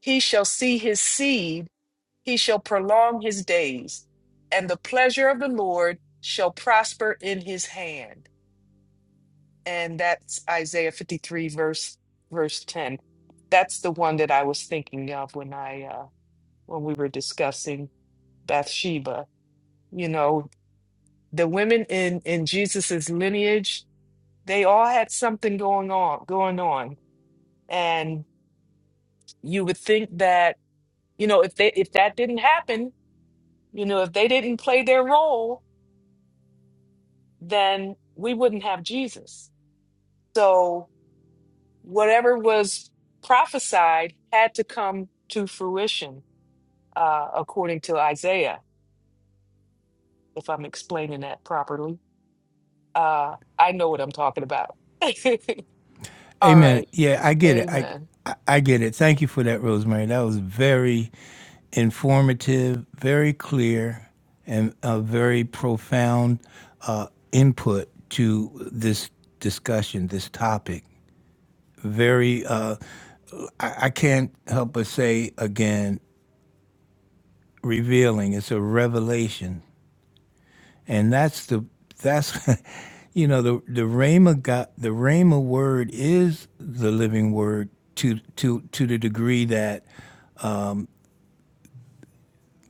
Speaker 2: he shall see his seed, he shall prolong his days, and the pleasure of the Lord shall prosper in his hand. And that's Isaiah 53, verse verse 10. That's the one that I was thinking of when I uh, when we were discussing Bathsheba. You know, the women in in Jesus's lineage they all had something going on going on and you would think that you know if they if that didn't happen you know if they didn't play their role then we wouldn't have jesus so whatever was prophesied had to come to fruition uh, according to isaiah if i'm explaining that properly uh, i know what i'm talking about all
Speaker 1: Amen.
Speaker 2: right
Speaker 1: Yeah, I get it. I,
Speaker 2: amen
Speaker 1: I I get it. Thank you for that, Rosemary. That was very informative, very clear, and a very profound uh, input to this discussion, this topic. Very, uh, I, I can't help but say again, revealing. It's a revelation and that's the that's you know the the rhema God, the rhema word is the living word to to to the degree that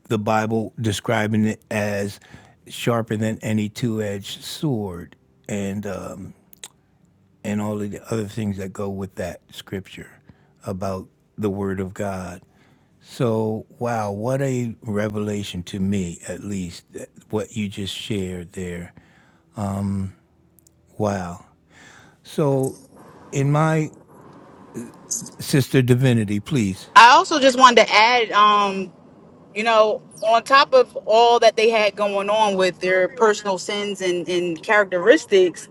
Speaker 1: the Bible describing it as sharper than any two-edged sword and um, and all of the other things that go with that scripture about the word of God. So wow, what a revelation to me at least that- what you just shared there. Um, Wow. So, in my sister divinity, please.
Speaker 4: i also just wanted to add um you know on top of all that they had going on with their personal sins and, and characteristics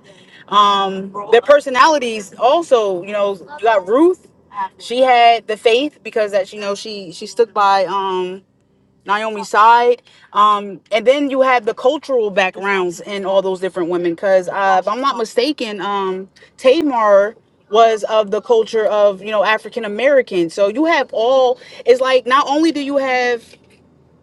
Speaker 4: um their personalities also you know you got ruth she had the faith because that you know she she stuck by um Naomi's side. Um, and then you have the cultural backgrounds in all those different women. Because uh, if I'm not mistaken, um, Tamar was of the culture of you know African American. So you have all. It's like not only do you have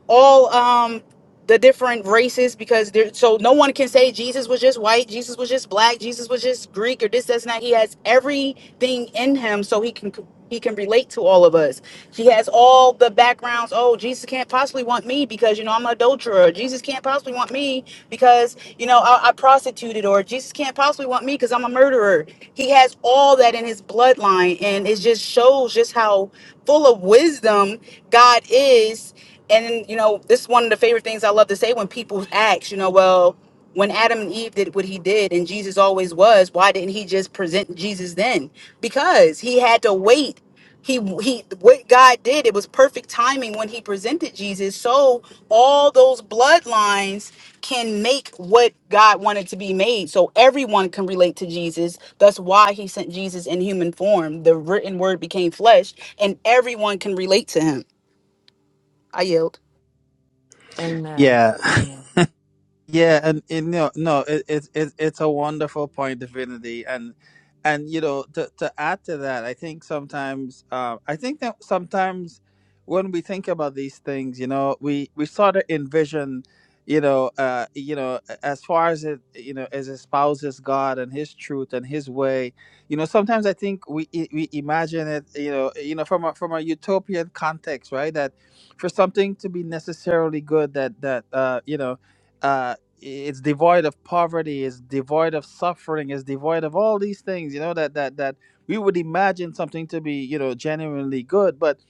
Speaker 4: all um the different races because there so no one can say Jesus was just white, Jesus was just black, Jesus was just Greek or this, that's not. He has everything in him so he can he can relate to all of us. He has all the backgrounds. Oh, Jesus can't possibly want me because you know I'm an adulterer. Jesus can't possibly want me because you know I, I prostituted, or Jesus can't possibly want me because I'm a murderer. He has all that in his bloodline, and it just shows just how full of wisdom God is and you know this is one of the favorite things i love to say when people ask you know well when adam and eve did what he did and jesus always was why didn't he just present jesus then because he had to wait he he what god did it was perfect timing when he presented jesus so all those bloodlines can make what god wanted to be made so everyone can relate to jesus that's why he sent jesus in human form the written word became flesh and everyone can relate to him i yield
Speaker 2: amen
Speaker 5: yeah
Speaker 2: amen
Speaker 5: Yeah, and, and no, no, it, it, it, it's a wonderful point, Divinity, and and you know to to add to that, I think sometimes, uh, I think that sometimes when we think about these things, you know, we we sort of envision, you know, uh, you know, a- as far as it, you know, as espouses God and His truth and His way, you know, sometimes I think we i- we imagine it, you know, you know, from a from a utopian context, right? That for something to be necessarily good, that that uh, you know. uh, it's devoid of poverty it's devoid of suffering it's devoid of all these things you know that that that we would imagine something to be you know genuinely good but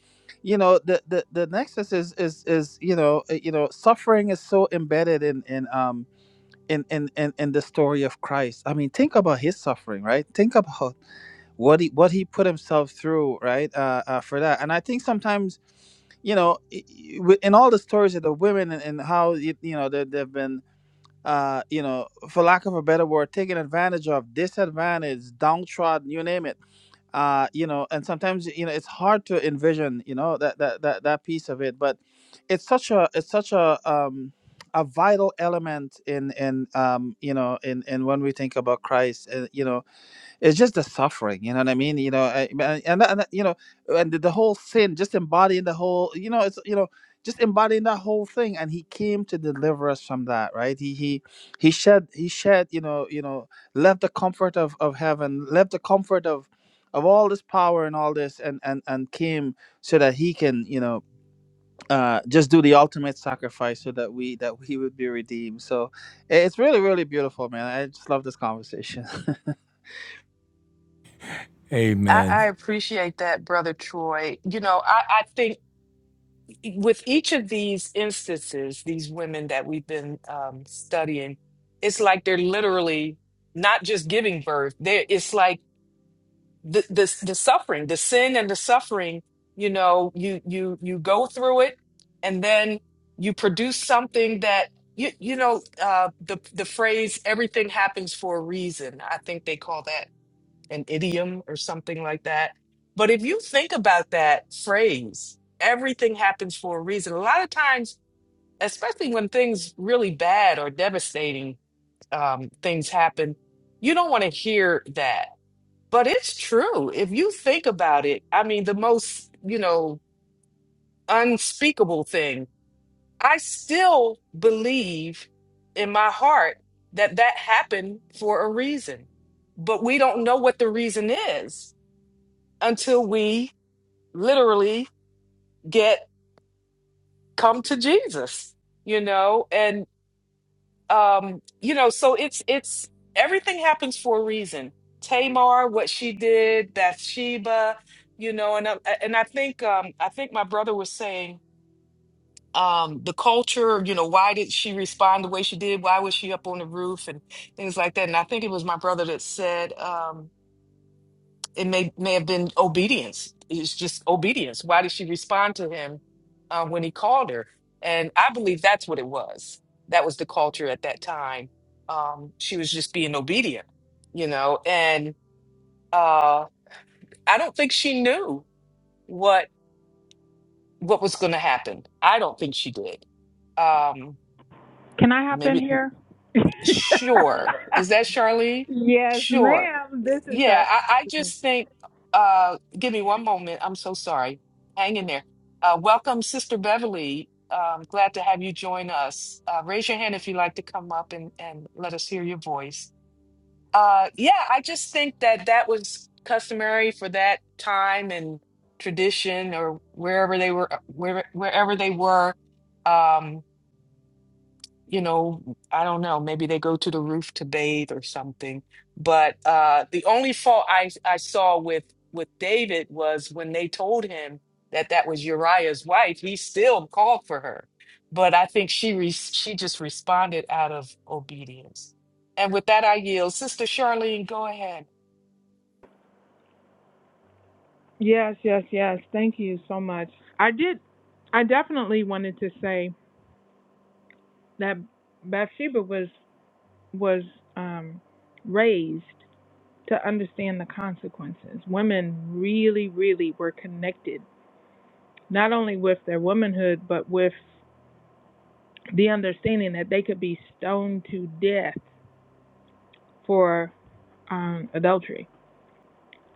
Speaker 5: you know the the, the nexus is is is you know uh, you know suffering is so embedded in in um in, in in in the story of christ i mean think about his suffering right think about what he what he put himself through right uh, uh for that and i think sometimes you know i- i- wi- in all the stories of the women and, and how you, you know they, they've been uh, you know, for lack of a better word, taken advantage of, disadvantaged, downtrodden, you name it. Uh, you know, and sometimes you know it's hard to envision, you know, that that that, that piece of it. But it's such a it's such a um, a vital element in in um, you know in in when we think about Christ. Uh, you know, it's just the suffering you know what i mean you know I- and, and, and you know and the, the whole sin just embodying the whole you know it's you know just embodying that whole thing and he came to deliver us from that right he he he shed he shed you know you know left the comfort of of heaven left the comfort of of all this power and all this and and and came so that he can you know uh, just do the ultimate sacrifice so that we that we would be redeemed. So i- it's really really beautiful, man. I just love this conversation.
Speaker 2: I,
Speaker 1: Amen.
Speaker 2: I appreciate that, Brother Troy. You know, I, I think e, with each of these instances, these women that we've been um, studying, it's like they're literally not just giving birth. There, it's like the, the the suffering, the sin and the suffering. You know, you you you go through it, and then you produce something that you you know uh, the the phrase "everything happens for a reason." I think they call that an idiom or something like that. But if you think about that phrase, everything happens for a reason. A lot of times, especially when things really bad or devastating um, things happen, you don't want to hear that. But it's true. If you think about it, I mean, the most, you know, unspeakable thing, I still believe in my heart that that happened for a reason. But we don't know what the reason is until we literally get come to Jesus, you know, and um, you know, so it's it's everything happens for a reason. Tamar, what she did, Bathsheba, you know, and I, and I think um, I think my brother was saying um, the culture, you know, why did she respond the way she did? Why was she up on the roof and things like that? And I think it was my brother that said. Um, it may may have been obedience. It's just obedience. Why did she respond to him uh, when he called her? And I believe that's what it was. That was the culture at that time. Um, she was just being obedient, you know. And uh, I don't think she knew what what was going to happen. I don't think she did. Um,
Speaker 3: Can I hop in
Speaker 2: maybe
Speaker 3: here?
Speaker 2: Sure. Is that Charlene?
Speaker 3: yes,
Speaker 2: Sure.
Speaker 3: ma'am. This is
Speaker 2: Yeah,
Speaker 3: Charlie.
Speaker 2: I, I
Speaker 3: speaking.
Speaker 2: just think, uh, give me one moment. I'm so sorry. Hang in there. Uh, welcome, Sister Beverly. Um, glad to have you join us. Uh, raise your hand if you'd like to come up and, and let us hear your voice. Uh, yeah, I just think that that was customary for that time and tradition or wherever they were, uh, where, wherever they were. Um, you know, I don't know, maybe they go to the roof to bathe or something. But uh, the only fault I, I saw with with David was when they told him that that was Uriah's wife, he still called for her. But I think she re- she just responded out of obedience. And with that, I yield. Sister Charlene, go ahead.
Speaker 3: Yes, yes, yes. Thank you so much. I did. I definitely wanted to say that Bathsheba was was um, raised to understand the consequences. Women really, really were connected not only with their womanhood but with the understanding that they could be stoned to death for um, adultery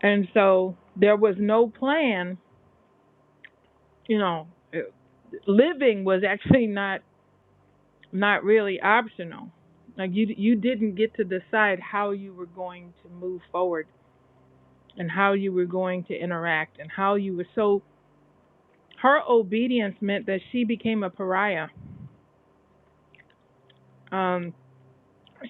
Speaker 3: And so there was no plan, you know, living was actually not not really optional. Like you you didn't get to decide how you were going to move forward and how you were going to interact and how you were so her obedience meant that she became a pariah. Um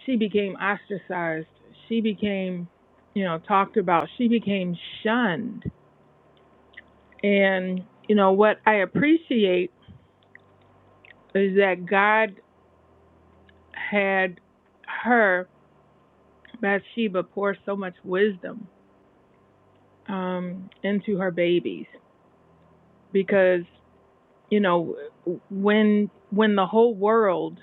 Speaker 3: she became ostracized. She became, you know, talked about. She became shunned. And you know what I appreciate is that God had her Bathsheba pour so much wisdom um, into her babies because you know when when the whole world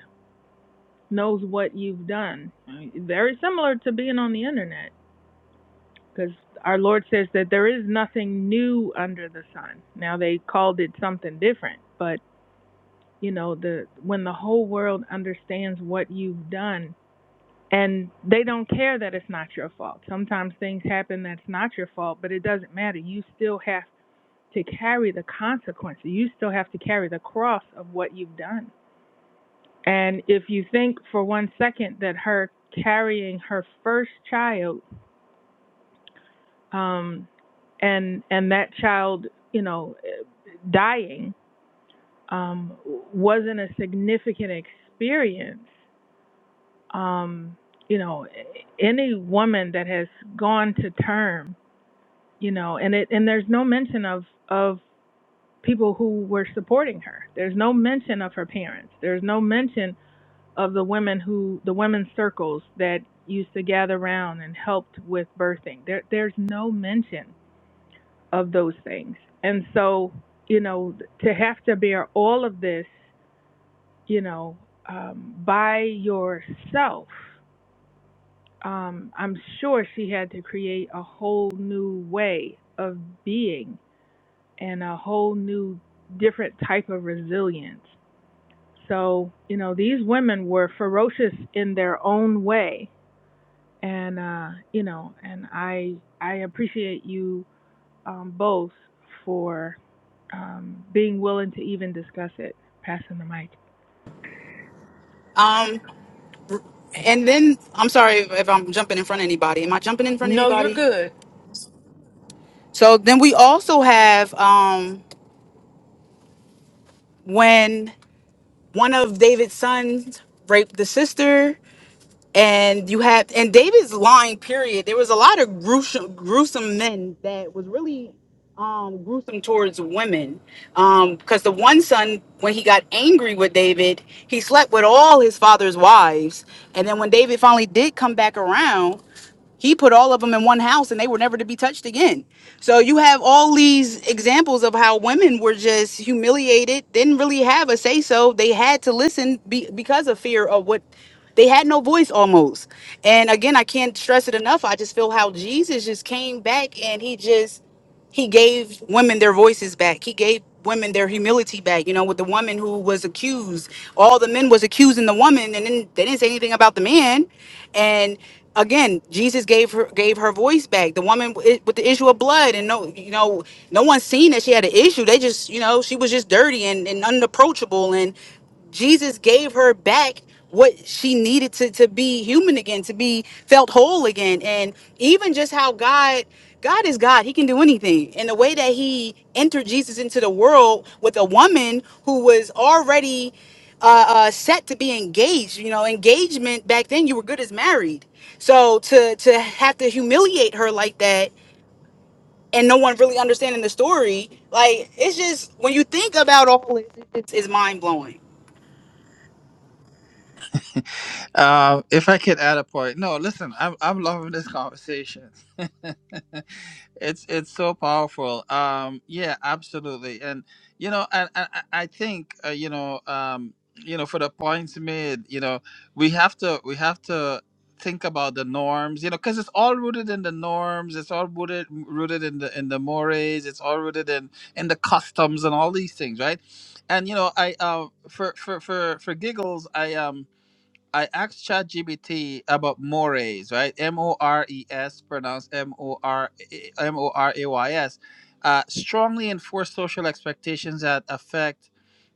Speaker 3: knows what you've done, very similar to being on the internet because our Lord says that there is nothing new under the sun. Now they called it something different, but you know the when the whole world understands what you've done and they don't care that it's not your fault. Sometimes things happen that's not your fault, but it doesn't matter. You still have to carry the consequences. You still have to carry the cross of what you've done. And if you think for one second that her carrying her first child, um, and and that child, you know, eh, dying, um, wasn't a significant experience, um, you know, eh, any woman that has gone to term you know and it and there's no mention of of people who were supporting her there's no mention of her parents there's no mention of the women who the women's circles that used to gather around and helped with birthing there there's no mention of those things and so you know to have to bear all of this you know um, by yourself um, i'm sure she had to create a whole new way of being and a whole new different type of resilience. So, you know, these women were ferocious in their own way and uh, you know, and I I appreciate you um both for um being willing to even discuss it. Passing the mic.
Speaker 4: Um, and then I'm sorry if if I'm jumping in front of anybody. Am I jumping in front of
Speaker 2: No, you're
Speaker 4: anybody?
Speaker 2: good.
Speaker 4: So then we also have um, when one of David's sons raped the sister, and you have and David's lying. Period. There was a lot of gruesome, gruesome men that was really um, gruesome towards women. Because the one son, when he got angry with David, he slept with all his father's wives. And then when David finally did come back around, He put all of them in one house and they were never to be touched again. So you have all these examples of how women were just humiliated, didn't really have a say so. They had to listen be, because of fear of what they had no voice almost. And again, I can't stress it enough. I just feel how Jesus just came back and he just he gave women their voices back. He gave women their humility back. You know, with the woman who was accused, all the men was accusing the woman, and then they didn't say anything about the man. And again, Jesus gave her gave her voice back. The woman wi- with the issue of blood, and no, you know, no one seen that she had an issue. They just, you know, she was just dirty and, and unapproachable, and Jesus gave her back what she needed to to be human again, to be felt whole again. And even just how God God is God. He can do anything. And the way that he entered Jesus into the world with a woman who was already uh, uh, set to be engaged. You know, engagement back then you were good as married. So to to have to humiliate her like that and no one really understanding the story, like it's just when you think about all this, it's, it's mind blowing.
Speaker 5: Um, if I could add a point, no, listen, I'm I'm loving this conversation. it's it's so powerful. Um, yeah, absolutely, and you know, and I, I, I think uh, you know, um, you know, for the points made, you know, we have to we have to think about the norms, you know, because it's all rooted in the norms. It's all rooted rooted in the in the mores. It's all rooted in in the customs and all these things, right? And you know, I uh, for for for for giggles, I um I asked ChatGPT about mores, right? M O R E S, pronounced M O R eh, M O R A Y S. Uh, strongly enforce social expectations that affect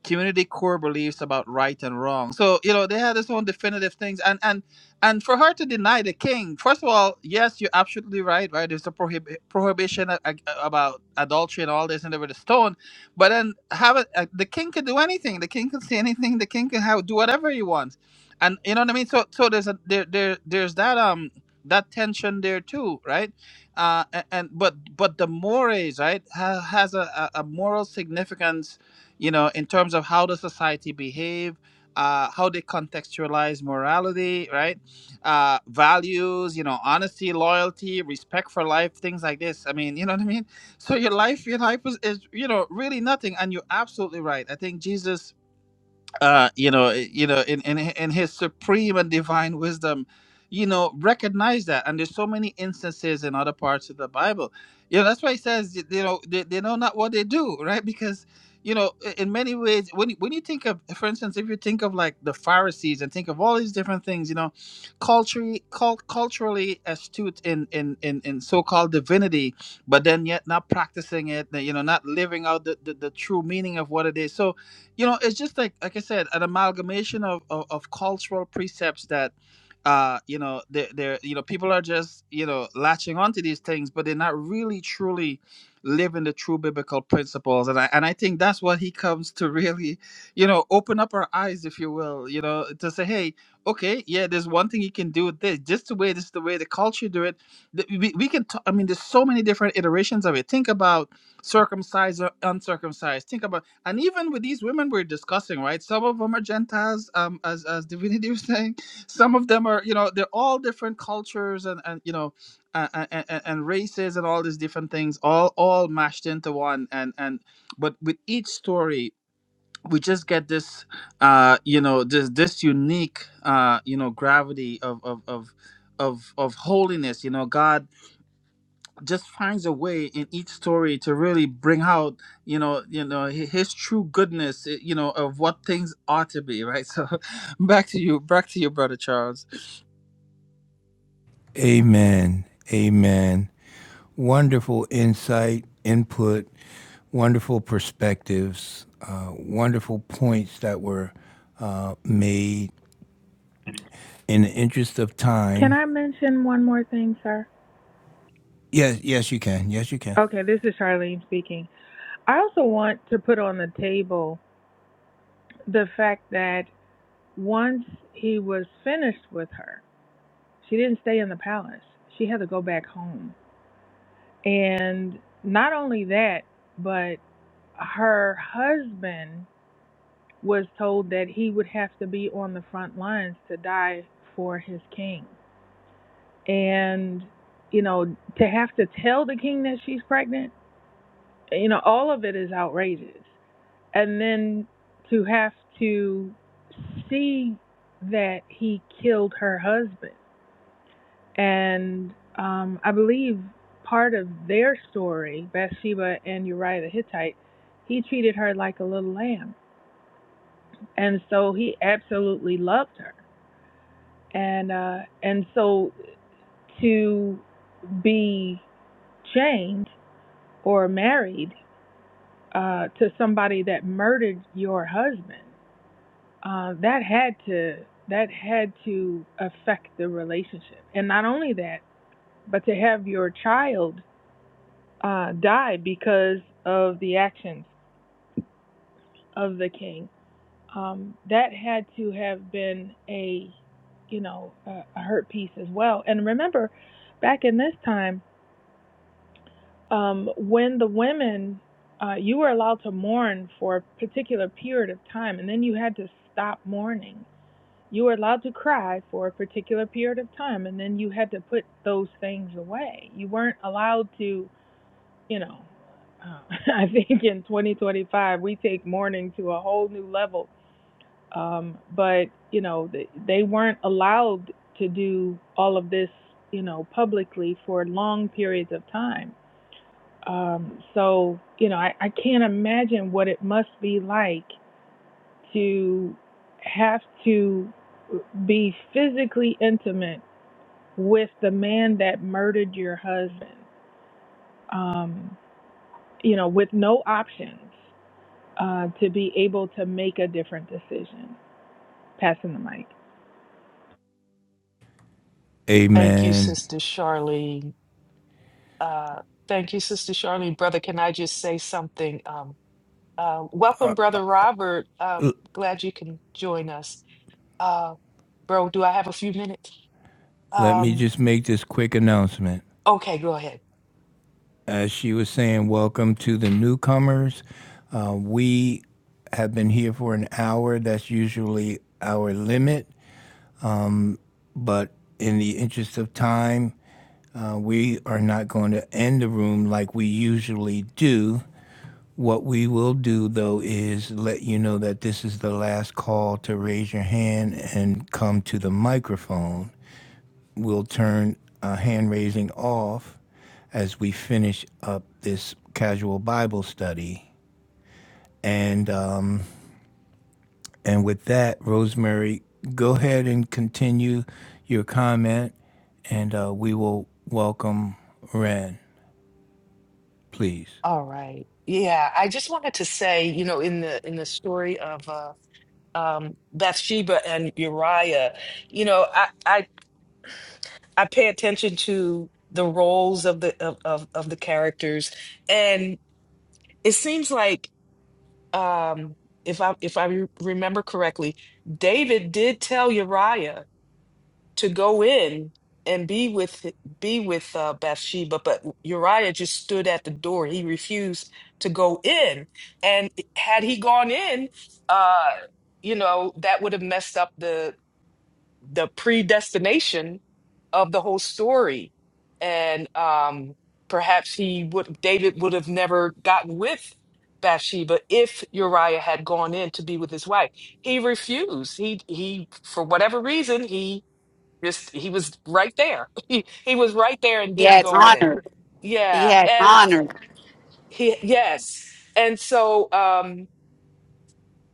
Speaker 5: community core beliefs about right and wrong. So you know they had this own definitive things, and and and for her to deny the king, first of all, yes, you're absolutely right, right? There's a prohib- prohibition a- a- about adultery and all this, and they were the stone. But then have it, uh, the king could do anything. The king could say anything. The king can have do whatever he wants and you know what I mean. So so there's a there there there's that um that tension there too, right? Uh, and, and but but the mores right ha, has a, a a moral significance, you know, in terms of how the society behave, uh, how they contextualize morality, right? Uh, values, you know, honesty, loyalty, respect for life, things like this. I mean, you know what I mean. So your life, your life is, is you know really nothing, and you're absolutely right. I think Jesus uh you know i- you know in in in his supreme and divine wisdom you know recognize that and there's so many instances in other parts of the bible you know that's why he says y- you know they, they know not what they do right because you know i- in many ways when you, when you think of for instance if you think of like the pharisees and think of all these different things you know culturally cult, culturally astute in, in in in so-called divinity but then yet not practicing it you know not living out the, the, the true meaning of what it is so you know it's just like like i said an amalgamation of of, of cultural precepts that uh you know they're, they're you know people are just you know latching onto these things but they're not really truly living the true biblical principles and i and i think that's what he comes to really you know open up our eyes if you will you know to say hey okay yeah there's one thing you can do with this just the way this is the way the culture do it Th- we, we can t- I mean there's so many different iterations of it think about circumcised or uncircumcised think about and even with these women we're discussing right some of them are gentiles um as as divinity was saying some of them are you know they're all different cultures and and you know and, and, and races and all these different things all all mashed into one and and but with each story we just get this uh you know this this unique uh you know gravity of of of of of holiness you know god just finds a way in each story to really bring out you know you know hi- his true goodness eh, you know of what things ought to be right so back to you back to you brother charles
Speaker 1: Amen. Amen. Wonderful insight, input, wonderful perspectives, uh, wonderful points that were uh, made in the interest of
Speaker 3: Can
Speaker 1: time.
Speaker 3: I mention one more thing, sir?
Speaker 1: Yes, yes, you can. Yes, you can.
Speaker 3: Okay, this is Charlene speaking. I also want to put on the table the fact that once he was finished with her She didn't stay in the palace. She had to go back home. And not only that, but her husband was told that he would have to be on the front lines to die for his king. And, you know, to have to tell the king that she's pregnant, you know, all of it is outrageous. And then to have to see that he killed her husband And um, I believe part of their story, Bathsheba and Uriah the Hittite, he treated her like a little lamb. And so he absolutely loved her. And uh, and so to be chained or married uh, to somebody that murdered your husband, uh, that had to that had to affect the relationship. And not only that, but to have your child uh, die because of the actions of the king. Um, that had to have been a, you know, a, a hurt piece as well. And remember, back in this time, um, when the women, uh, you were allowed to mourn for a particular period of time, and then you had to stop mourning. You were allowed to cry for a particular period of time, and then you had to put those things away. You weren't allowed to you know, uh, I think in 2025 we take mourning to a whole new level. Um, but you know, th- they weren't allowed to do all of this, you know, publicly for long periods of time. Um, so you know, I, I can't imagine what it must be like to have to be physically intimate with the man that murdered your husband. Um, you know, with no options uh, to be able to make a different decision. Passing the mic.
Speaker 2: Thank you,
Speaker 1: Amen.
Speaker 2: Sister Charlene. Uh, thank you, Sister Charlene. Brother, can I just say something? Um, Um, welcome, Brother Robert. Um, glad you can join us. Uh, bro, do I have a few minutes?
Speaker 1: Let me
Speaker 2: Um,
Speaker 1: just make this quick announcement.
Speaker 2: okay, go ahead.
Speaker 1: as she was saying, welcome to the newcomers. Uh, we have been here for an hour. That's usually our limit. But in the interest of time, uh, we are not going to end the room like we usually do. What we will do, though, is let you know that this is the last call to raise your hand and come to the microphone. We'll turn uh, hand raising off as we finish up this casual Bible study. And um, and with that, Rosemary, go ahead and continue your comment, and uh, we will welcome Ren, please.
Speaker 2: All right. Yeah, I just wanted to say, you know, in the in the story of uh, um, Bathsheba and Uriah, you know, I, I I pay attention to the roles of the of of, of the characters, and it seems like um, if I if I re- remember correctly, David did tell Uriah. to go in and be with be with uh, Bathsheba, but Uriah just stood at the door. He refused to go in, and had he gone in, uh, you know that would have messed up the the predestination of the whole story, and um, perhaps he would David would have never gotten with Bathsheba if Uriah had gone in to be with his wife. He refused. He he for whatever reason he just he was right there. He he was right there and
Speaker 4: He
Speaker 2: didn't
Speaker 4: had
Speaker 2: go in.
Speaker 4: honor. He
Speaker 2: Yeah,
Speaker 4: had
Speaker 2: and
Speaker 4: honor.
Speaker 2: he yes, and so um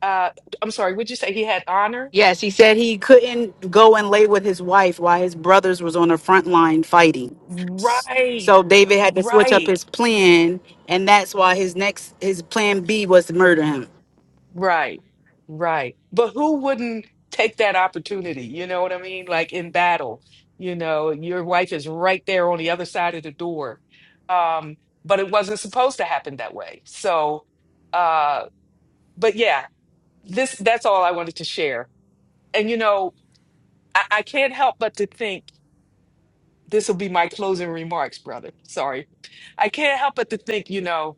Speaker 2: uh I'm sorry. Would you say he had honor?
Speaker 4: Yes, he said he couldn't go and lay with his wife while his brothers was on the front line fighting.
Speaker 2: Right,
Speaker 4: So David had to switch up
Speaker 2: right,
Speaker 4: his plan, and that's why his next his plan B was to murder him.
Speaker 2: right, right. But who wouldn't take that opportunity? You know what I mean? Like in battle, you know, your wife is right there on the other side of the door. Um, but it wasn't supposed to happen that way. So, uh, but yeah, this that's all I wanted to share. and you know, I, I can't help but to think this will be my closing remarks, brother. Sorry. I can't help but to think, you know,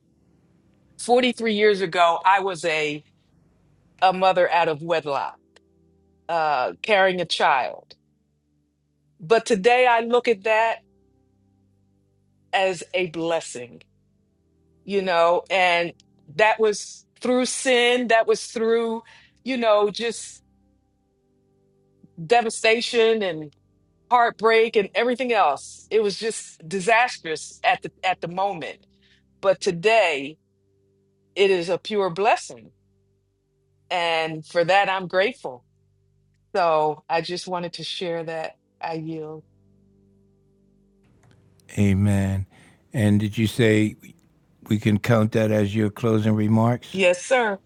Speaker 2: 43 years ago, I was a, a mother out of wedlock, uh, carrying a child. But today I look at that as a blessing, you know, and that was through sin, that was through, you know, just devastation and heartbreak and everything else. It was just disastrous at the at the moment But today, it is a pure blessing. And for that, I'm grateful. So I just wanted to share that. I yield.
Speaker 1: Amen. And did you say we can count that as your closing remarks?
Speaker 2: Yes, sir.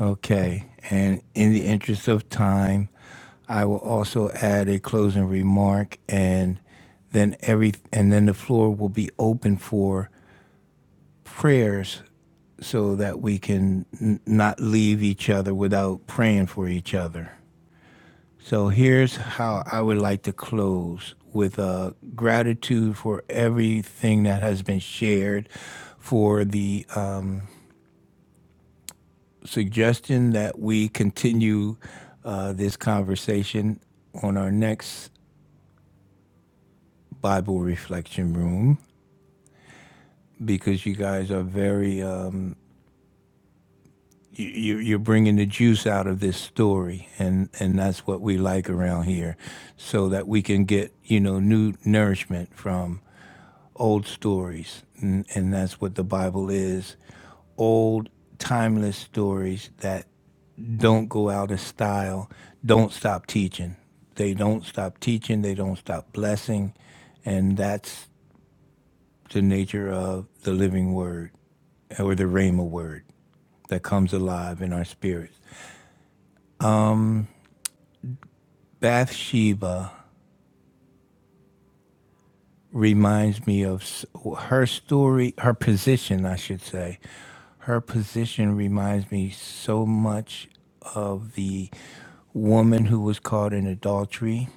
Speaker 1: Okay. And in the interest of time, I will also add a closing remark, and then every and then the floor will be open for prayers so that we can n- not leave each other without praying for each other. So here's how I would like to close with uh, gratitude for everything that has been shared, for the uh, suggestion that we continue uh, this conversation on our next Bible reflection room because you guys are very um, you, you- are bringing the juice out of this story, and and that's what we like around here, so that we can get you know new nourishment from old stories, and, and that's what the Bible is, old timeless stories that don't go out of style, don't stop teaching. They don't stop teaching. They don't stop blessing, and that's the nature of the living word or the Rhema word that comes alive in our spirits. Bathsheba reminds me of her story, her position, I should say. Her position reminds me so much of the woman who was caught in adultery.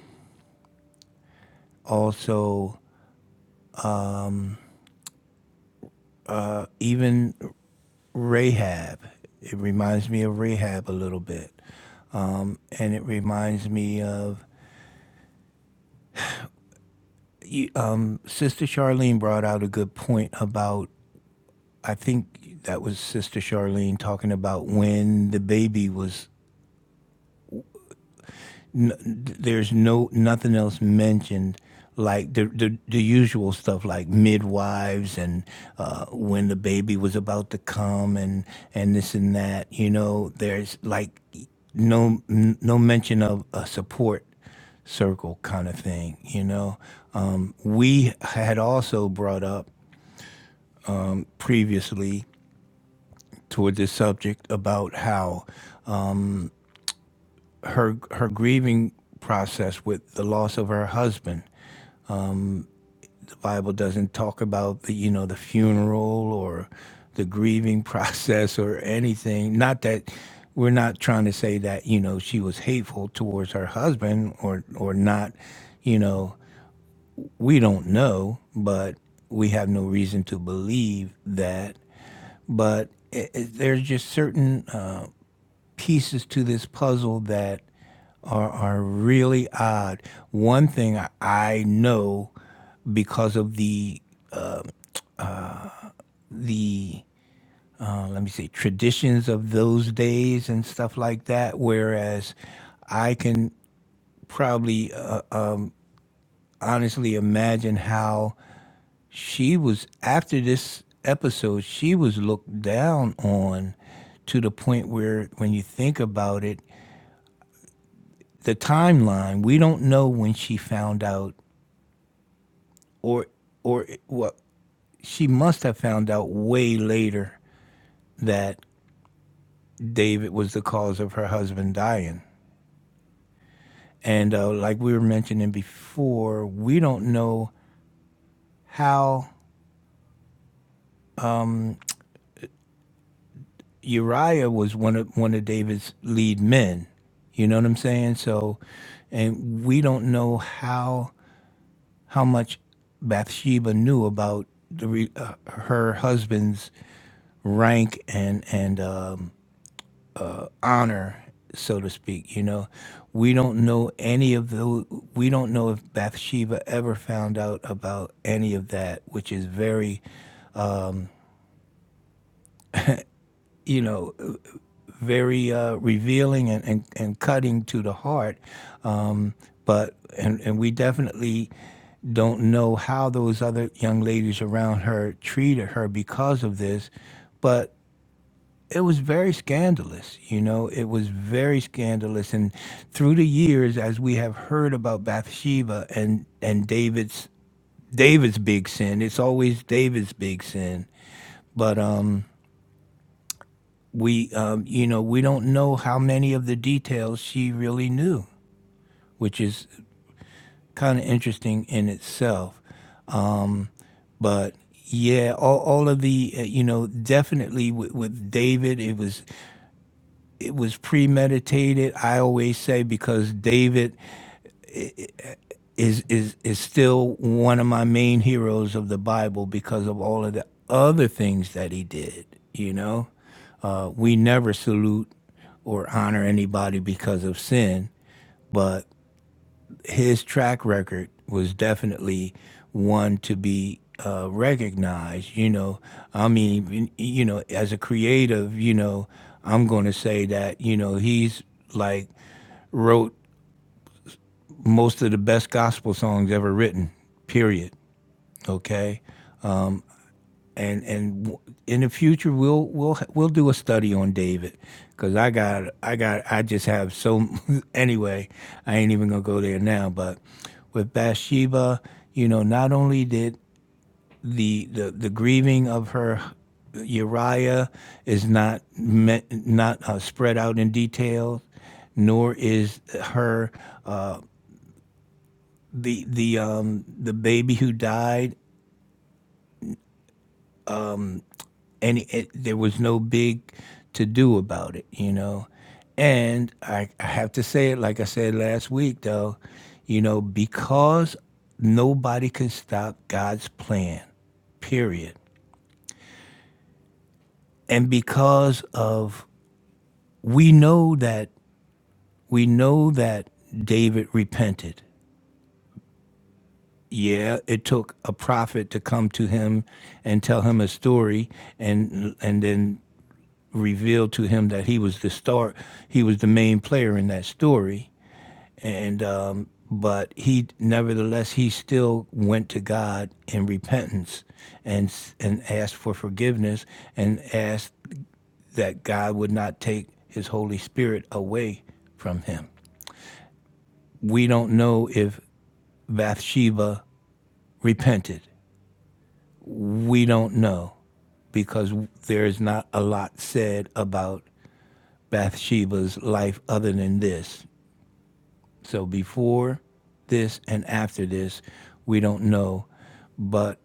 Speaker 1: Also, even Rahab. It reminds me of Rahab a little bit. And it reminds me of you- uh, Sister Charlene brought out a good point about, I think that was Sister Charlene talking about when the baby was n- there's no nothing else mentioned like the the, the usual stuff like midwives and uh, when the baby was about to come and and this and that. You know, there's like no n- no mention of a support circle kind of thing. You know, um, we had also brought up previously toward this subject about how her her grieving process with the loss of her husband Bible doesn't talk about the, you know the funeral or the grieving process or anything. Not that we're not trying to say that you know she was hateful towards her husband or or not. You know we don't know, but we have no reason to believe that. But it, it, there's just certain uh, pieces to this puzzle that are are really odd. One thing I, I know because of the the uh, let me say traditions of those days and stuff like that whereas i can probably uh, honestly imagine how she was after this episode she was looked down on to the point where when you think about it the timeline we don't know when she found out or or well, she must have found out way later that David was the cause of her husband dying And uh, like we were mentioning before, we don't know how Uriah was one of one of David's lead men. You know what I'm saying? So, and we don't know how how much Bathsheba knew about the re, uh, her husband's rank and and um, honor, so to speak. You know, we don't know any of the. We don't know if Bathsheba ever found out about any of that, which is very, you know. very uh, revealing and, and, and cutting to the heart. Um, but and, and we definitely don't know how those other young ladies around her treated her because of this. But it was very scandalous, you know. It was very scandalous, and through the years, as we have heard about Bathsheba and and David's David's big sin, it's always David's big sin. But um, we, um, you know, we don't know how many of the details she really knew, which is kind of interesting in itself. But yeah, all, all of the, uh, you know, definitely with, with David, it was it was premeditated. I always say because David is is is still one of my main heroes of the Bible because of all of the other things that he did. You know, uh, we never salute or honor anybody because of sin. But his track record was definitely one to be uh, recognized. You know, I mean, you know, as a creative, you know, I'm going to say that you know he's like wrote most of the best gospel songs ever written. Period. Okay, and and in the future we'll we'll we'll do a study on David because I got I got I just have so anyway I ain't even gonna go there now but with Bathsheba you know not only did the the, the grieving of her Uriah is not met not uh, spread out in detail nor is her uh, the the um, the baby who died and it, there was no big to do about it, you know. And I, I have to say it, like I said last week, though, you know, because nobody can stop God's plan, period. And because of, we know that, we know that David repented. Yeah, it took a prophet to come to him and tell him a story, and and then revealed to him that he was the star, he was the main player in that story. And um, but he nevertheless he still went to God in repentance and and asked for forgiveness and asked that God would not take his Holy Spirit away from him. We don't know if Bathsheba repented. We don't know because there is not a lot said about Bathsheba's life other than this. So before this and after this, we don't know. But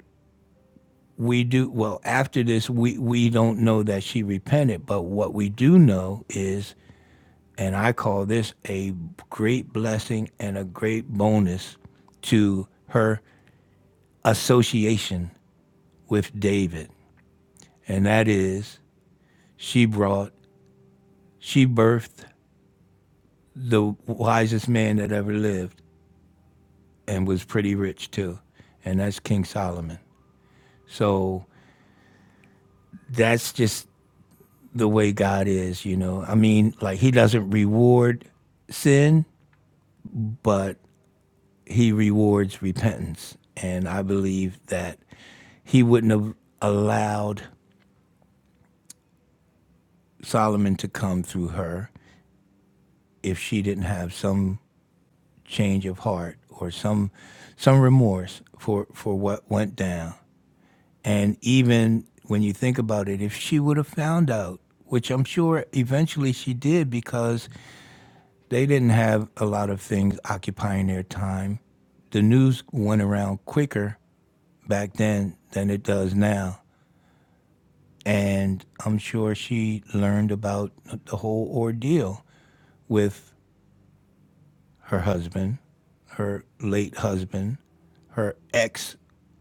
Speaker 1: we do well after this we, we don't know that she repented, but what we do know is and I call this a great blessing and a great bonus to her association with David. And that is she brought, she birthed the wisest man that ever lived and was pretty rich too. And that's King Solomon. So that's just the way God is, you know. I mean, like he doesn't reward sin, but he rewards repentance. And I believe that he wouldn't have allowed Solomon to come through her if she didn't have some change of heart or some some remorse for for what went down. And even when you think about it, if she would have found out, which I'm sure eventually she did because They didn't have a lot of things occupying their time. The news went around quicker back then than it does now. And I'm sure she learned about the whole ordeal with her husband, her late husband, her ex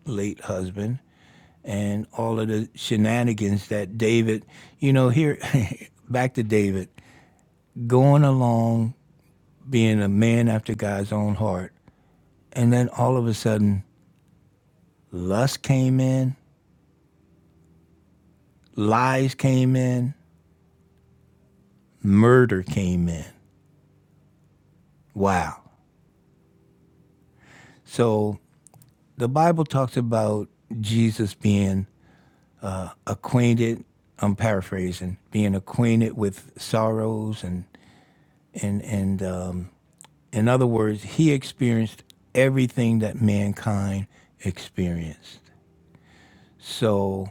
Speaker 1: late husband and all of the shenanigans that David, you know, here, back to David, going along being a man after God's own heart. And then all of a sudden, Lust came in, lies came in, murder came in. Wow. So the Bible talks about Jesus being acquainted, I'm paraphrasing, being acquainted with sorrows and and and um in other words, he experienced everything that mankind experienced. So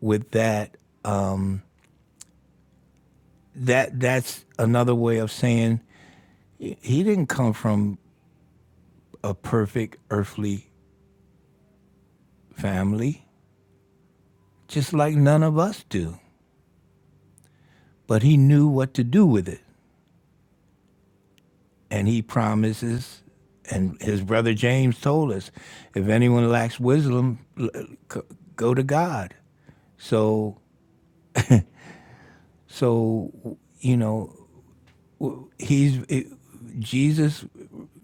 Speaker 1: with that, um, that that's another way of saying he he didn't come from a perfect earthly family, just like none of us do. But he knew what to do with it. And he promises, and his brother James told us if anyone lacks wisdom, l- c- go to God. So, so you know, he's it, Jesus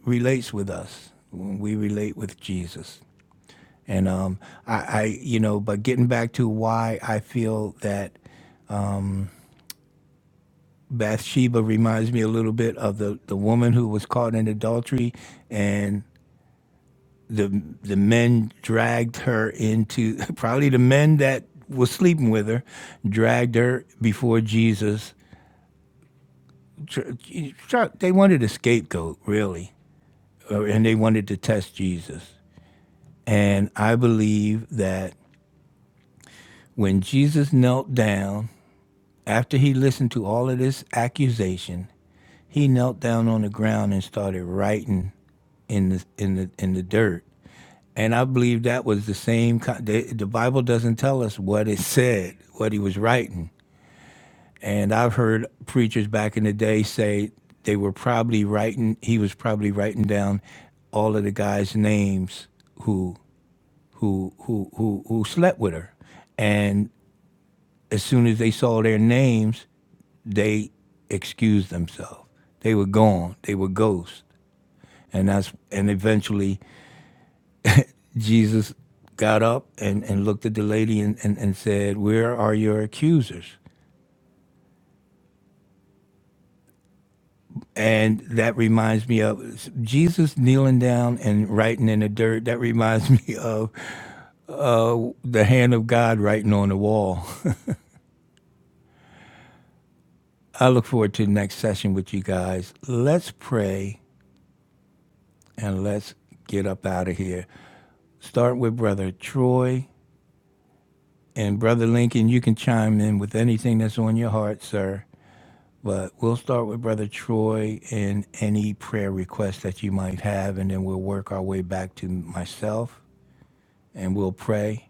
Speaker 1: relates with us when we relate with Jesus. And um, I, I, you know, but getting back to why I feel that Bathsheba reminds me a little bit of the, the woman who was caught in adultery and the the men dragged her into probably the men that was sleeping with her dragged her before Jesus. Tr- tr- They wanted a scapegoat really uh, and they wanted to test Jesus. And I believe that when Jesus knelt down after he listened to all of this accusation, He knelt down on the ground and started writing in the in the in the dirt. And I believe that was the same. The, the Bible doesn't tell us what it said, what he was writing. And I've heard preachers back in the day say they were probably writing. He was probably writing down all of the guys' names who who who who who slept with her. And as soon as they saw their names, they excused themselves. They were gone. They were ghosts. And that's and eventually Jesus got up and, and looked at the lady and, and, and said, Where are your accusers? And that reminds me of Jesus kneeling down and writing in the dirt. That reminds me of the hand of God writing on the wall. I look forward to the next session with you guys. Let's pray and let's get up out of here. Start with Brother Troy. And Brother Lincoln, you can chime in with anything that's on your heart, sir. But we'll start with Brother Troy and any prayer requests that you might have, and then we'll work our way back to myself and we'll pray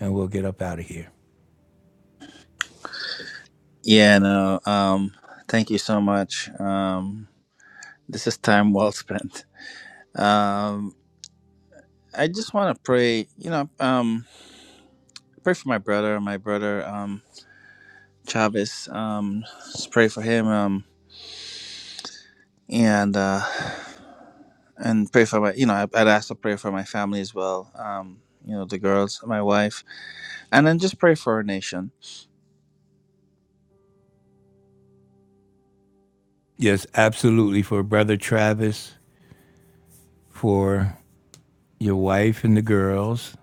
Speaker 1: and we'll get up out of here.
Speaker 5: Yeah, no. Um, thank you so much. Um, this is time well spent. Um, I just want to pray, you know, um, pray for my brother, my brother, um, Chavez. Um, just pray for him. Um, and uh, and pray for my you know I, I'd ask to pray for my family as well. Um, you know the girls, my wife, and then just pray for our nation.
Speaker 1: Yes, absolutely. For Brother Travis, for your wife and the girls,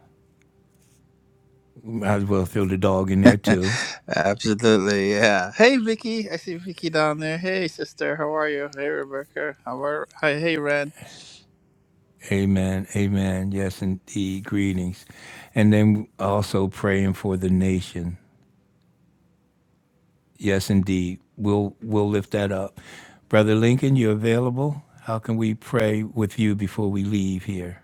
Speaker 1: might as well throw the dog in there too.
Speaker 5: Absolutely, yeah. Hey Vicky, I see Vicky down there. Hey sister, how are you? Hey Rebecca, how are? Hi, hey Red.
Speaker 1: Amen. Amen. Yes, indeed. Greetings. And then also praying for the nation Yes, indeed. We'll we'll lift that up. Brother Lincoln, you're available. How can we pray with you before we leave here?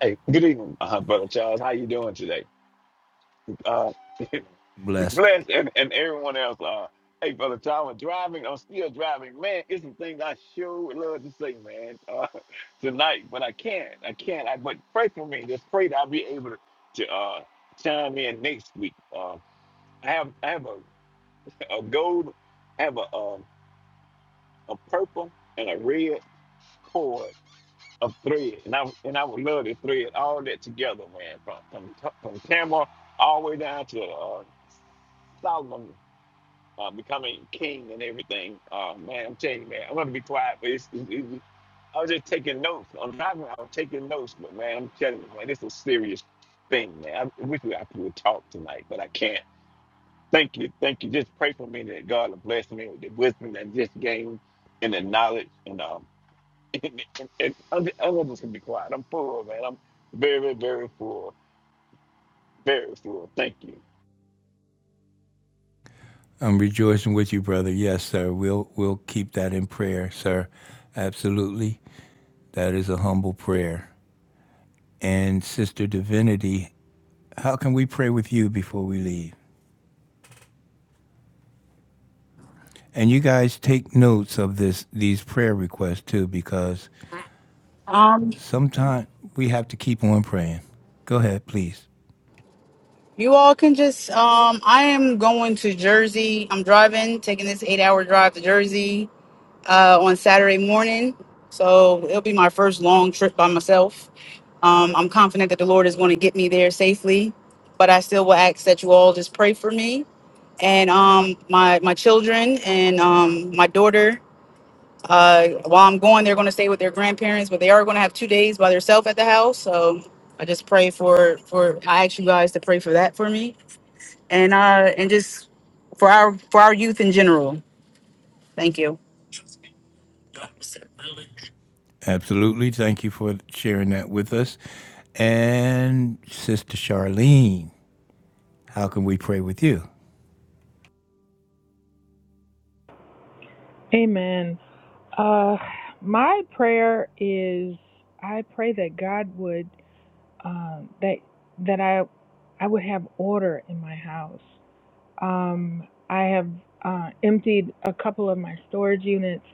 Speaker 6: Hey, good evening, uh, brother Charles. How you doing today? Uh,
Speaker 1: Blessed.
Speaker 6: bless and, and everyone else. Uh, hey, brother Charles, I'm driving. I'm still driving. Man, it's some things I sure would love to say, man, uh, tonight, but I can't. I can't. I, but pray for me. Just pray that I'll be able to, to uh, chime in next week. Uh, I have I have a, a gold, I have a um, a purple and a red cord of thread, and I and I would love to thread all that together, man, from from from Tamar all the way down to uh, Solomon uh, becoming king and everything. Uh, man, I'm telling you, man, I'm gonna be quiet, but it's, it's, it's- I was just taking notes. I'm driving, I was taking notes, but man, I'm telling you, man, this is a serious thing, man. I wish we- I could talk tonight, but I can't. Thank you, thank you. Just pray for me that God will bless me with the wisdom that I just gained and the knowledge. and uh, and, and and other, others can be quiet. I'm full, man. I'm very, very full. Very full. Thank you.
Speaker 1: I'm rejoicing with you, brother. Yes, sir. We'll we'll keep that in prayer, sir. Absolutely. That is a humble prayer. And Sister Divinity, how can we pray with you before we leave? And you guys take notes of this these prayer requests too, because
Speaker 4: Um,
Speaker 1: sometimes we have to keep on praying. Go ahead, please.
Speaker 4: you all can just um, I am going to Jersey. I'm driving, taking this eight hour drive to Jersey. uh, on Saturday morning. So it'll be my first long trip by myself. Um, I'm confident that the Lord is going to get me there safely, but I still will ask that you all just pray for me and um, my my children and um, my daughter. Uh, while I'm going, they're going to stay with their grandparents, but they are going to have two days by themselves at the house. So I just pray for for I ask you guys to pray for that for me and uh and just for our for our youth in general. Thank you.
Speaker 1: Absolutely. Thank you for sharing that with us. And Sister Charlene, how can we pray with you?
Speaker 3: Amen. Uh, my prayer is I pray that God would um, that that I I would have order in my house. Um, I have uh, emptied a couple of my storage units,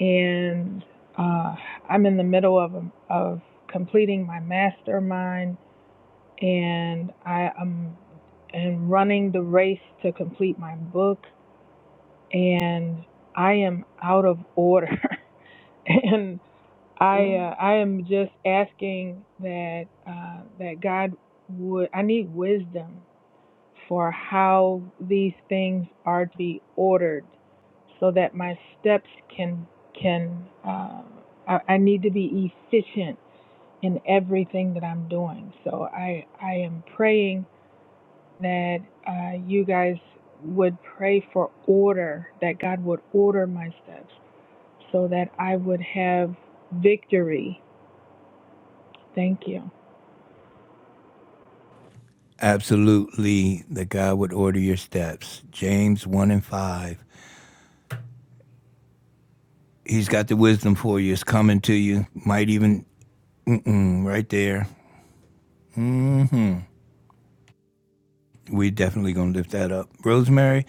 Speaker 3: and uh, I'm in the middle of of completing my mastermind and I am am running the race to complete my book and I am out of order and I uh, I am just asking that uh, that God would I need wisdom for how these things are to be ordered so that my steps can can uh, I, I need to be efficient in everything that I'm doing so I I am praying that uh, you guys would pray for order, that God would order my steps so that I would have victory. Thank you.
Speaker 1: Absolutely, that God would order your steps. James 1 and 5. He's got the wisdom for you. It's coming to you. Might even, mm-mm, right there. hmm We're definitely going to lift that up. Rosemary,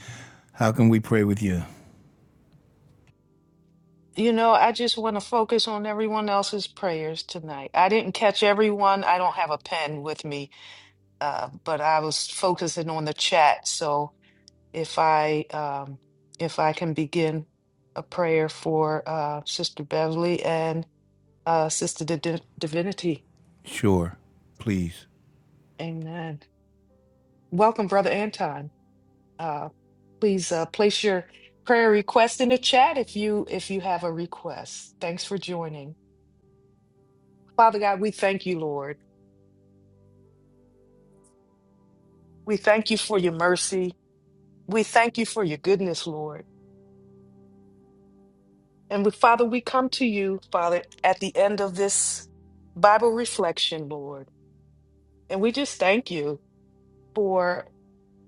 Speaker 1: how can we pray with you?
Speaker 2: You know, I just want to focus on everyone else's prayers tonight. I didn't catch everyone. I don't have a pen with me, uh, but I was focusing on the chat. So if I um, if I can begin a prayer for uh, Sister Beverly and uh, Sister Di- Divinity,
Speaker 1: Sure, please.
Speaker 2: Amen. Welcome, Brother Anton. Uh, please uh, place your prayer request in the chat if you if you have a request. Thanks for joining. Father God, we thank you, Lord. We thank you for your mercy. We thank you for your goodness, Lord. And we, Father, we come to you, Father, at the end of this Bible reflection, Lord. And we just thank you for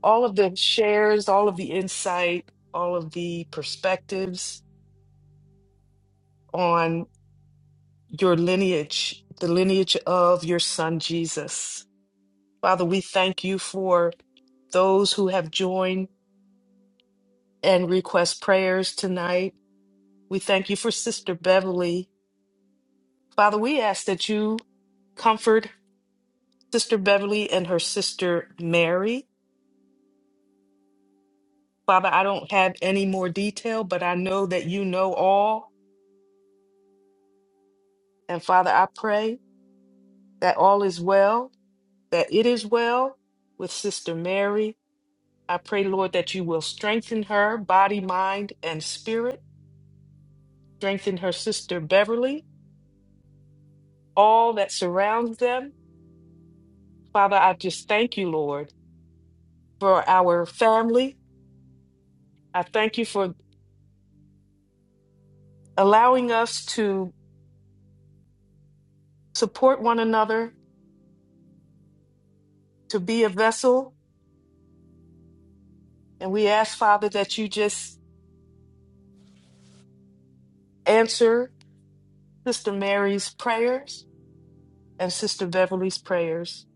Speaker 2: all of the shares, all of the insight, all of the perspectives on your lineage, the lineage of your son Jesus. Father, we thank you for those who have joined and request prayers tonight. We thank you for Sister Beverly. Father, we ask that you comfort Sister Beverly and her sister Mary. Father, I don't have any more detail, but I know that you know all. And Father, I pray that all is well, that it is well with Sister Mary. I pray, Lord, that you will strengthen her body, mind, and spirit. Strengthen her sister Beverly. all that surrounds them. Father, I just thank you, Lord, for our family. I thank you for allowing us to support one another, to be a vessel. And we ask, Father, that you just answer Sister Mary's prayers and Sister Beverly's prayers.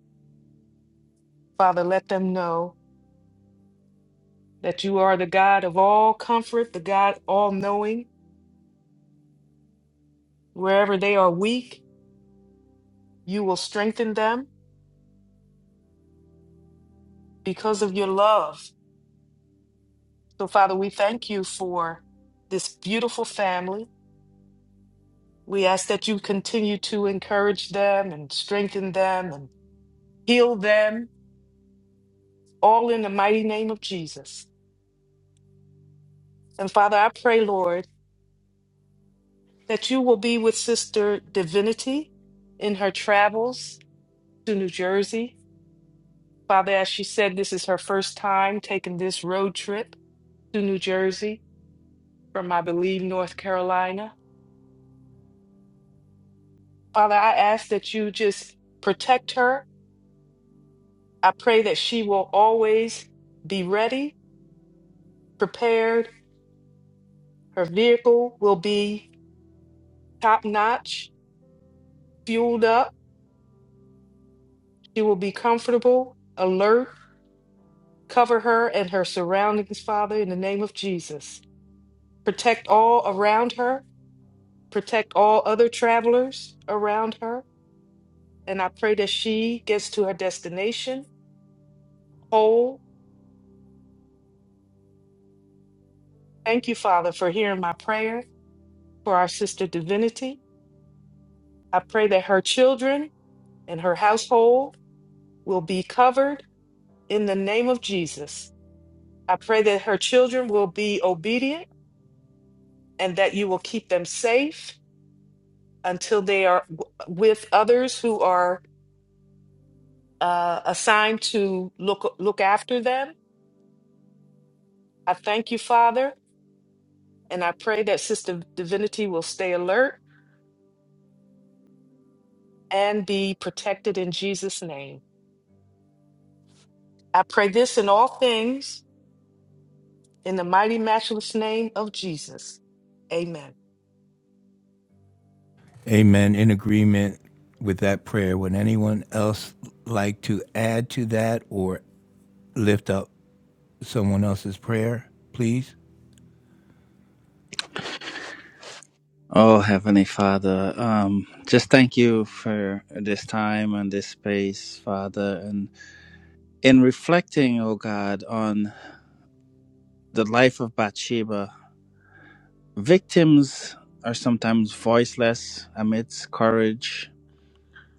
Speaker 2: Father, let them know that you are the God of all comfort, the God all knowing. Wherever they are weak, you will strengthen them because of your love So, Father, we thank you for this beautiful family. We ask that you continue to encourage them and strengthen them and heal them, all in the mighty name of Jesus. And Father, I pray, Lord, that you will be with Sister Divinity in her travels to New Jersey. Father, as she said, this is her first time taking this road trip to New Jersey from, I believe, North Carolina. Father, I ask that you just protect her I pray that she will always be ready, prepared. Her vehicle will be top notch, fueled up. She will be comfortable, alert. Cover her and her surroundings, Father, in the name of Jesus. Protect all around her, protect all other travelers around her. And I pray that she gets to her destination whole. Thank you, Father, for hearing my prayer for our sister Divinity. I pray that her children and her household will be covered in the name of Jesus. I pray that her children will be obedient and that you will keep them safe until they are w- with others who are uh, assigned to look look after them. I thank you, Father, and I pray that Sister Divinity will stay alert and be protected in Jesus' name. I pray this in all things in the mighty, matchless name of Jesus. Amen.
Speaker 1: Amen. In agreement with that prayer, would anyone else like to add to that or lift up someone else's prayer, please?
Speaker 5: Oh Heavenly Father, um, just thank you for this time and this space, Father, and in reflecting, oh God, on the life of Bathsheba. Victims are sometimes voiceless amidst courage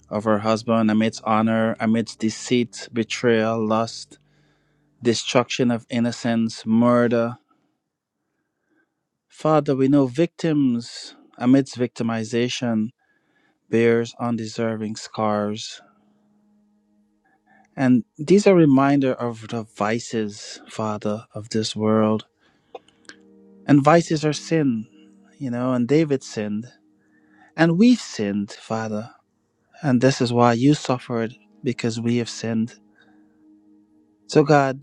Speaker 5: of her husband, amidst honor, amidst deceit, betrayal, lust, destruction of innocence, murder. Father, we know victims amidst victimization bears undeserving scars. And these are reminder of the vices, Father, of this world. And vices are sin, you know, and David sinned. And we've sinned, Father and this is why you suffered because we have sinned. So, God,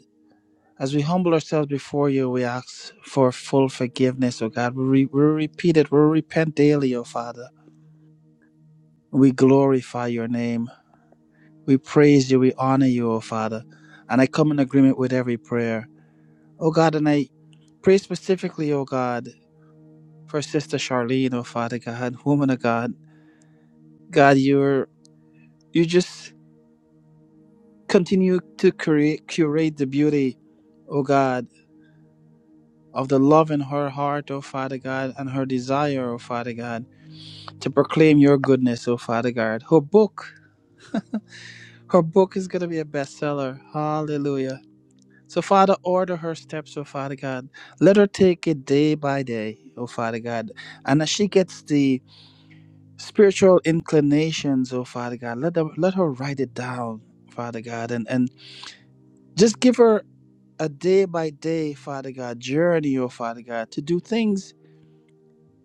Speaker 5: as we humble ourselves before you, we ask for full forgiveness, O God. We, re- we repeat it, we repent daily, O Father. We glorify your name. We praise you, we honor you, O Father. And I come in agreement with every prayer. O God, and I pray specifically, O God, for Sister Charlene, O Father God, woman of God. God, you're, you just continue to create, curate the beauty, O God of the love in her heart, O Father God, and her desire, O Father God, to proclaim your goodness, O Father God. Her book, her book is going to be a bestseller. Hallelujah. So, Father, order her steps, O Father God. Let her take it day by day, O Father God. And as she gets the spiritual inclinations, O Father God, let her, let her write it down, Father God, and, and just give her a day by day, Father God, journey, O Father God, to do things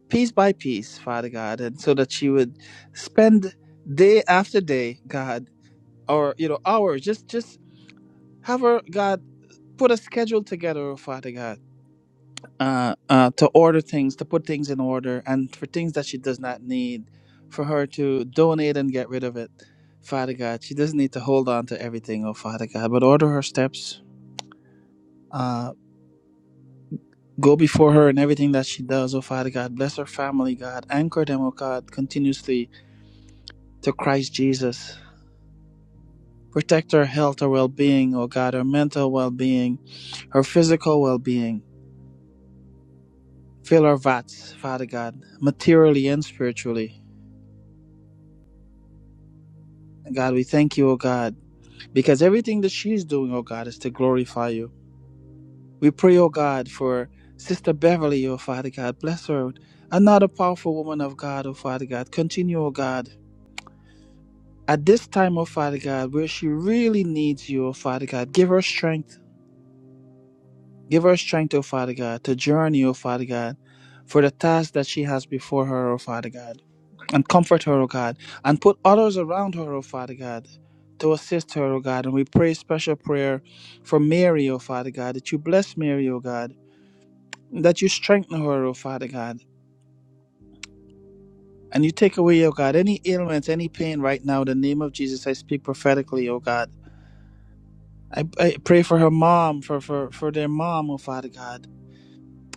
Speaker 5: piece by piece, Father God, and so that she would spend day after day, God, or you know, hours, just just have her, God, put a schedule together, oh, Father God, uh, uh, to order things, to put things in order, and for things that she does not need, for her to donate and get rid of it, Father God. She doesn't need to hold on to everything, oh Father God, but order her steps. Uh, Go before her in everything that she does, oh Father God. Bless her family, God. Anchor them, oh God, continuously to Christ Jesus. Protect her health, her well being, oh God, her mental well being, her physical well being. Fill her vats, Father God, materially and spiritually. And God, we thank you, O God, because everything that she's doing, O God, is to glorify you. We pray, O God, for Sister Beverly, O Father God. Bless her. Another powerful woman of God, O Father God. Continue, O God. At this time, O Father God, where she really needs you, O Father God, give her strength Give her strength, O Father God, to journey, O Father God, for the task that she has before her, O Father God. And comfort her, O God, and put others around her, O Father God, to assist her, O God. And we pray special prayer for Mary, O Father God, that you bless Mary, O God, that you strengthen her, O Father God. And you take away, O God, any ailments, any pain right now. In the name of Jesus, I speak prophetically, O God. I, I pray for her mom, for, for, for their mom, O Father God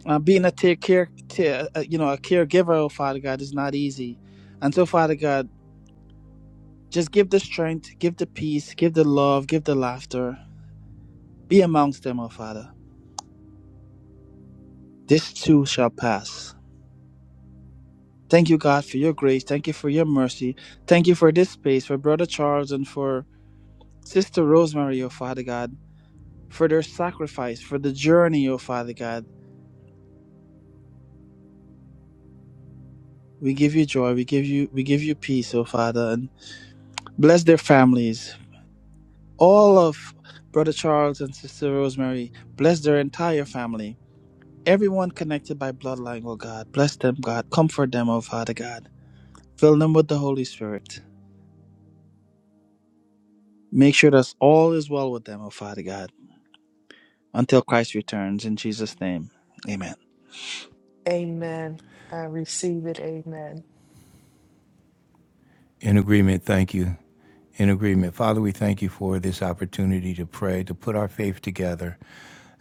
Speaker 5: uh, being a take care, ta- uh, you know, a caregiver, oh Father God, is not easy. And so, Father God, just give the strength, give the peace, give the love, give the laughter. Be amongst them, oh Father. This too shall pass. Thank you, God, for your grace. Thank you for your mercy. Thank you for this space, for Brother Charles and for Sister Rosemary, oh Father God, for their sacrifice, for the journey, oh Father God. We give you joy. We give you we give you peace, oh Father, and bless their families. all of Brother Charles and Sister Rosemary. Bless their entire family. Everyone connected by bloodline, oh God. Bless them, God. Comfort them, oh Father God. Fill them with the Holy Spirit. Make sure that all is well with them, oh Father God, until Christ returns. In Jesus' name, amen.
Speaker 2: Amen. I receive it. Amen.
Speaker 1: In agreement, thank you. In agreement. Father, we thank you for this opportunity to pray, to put our faith together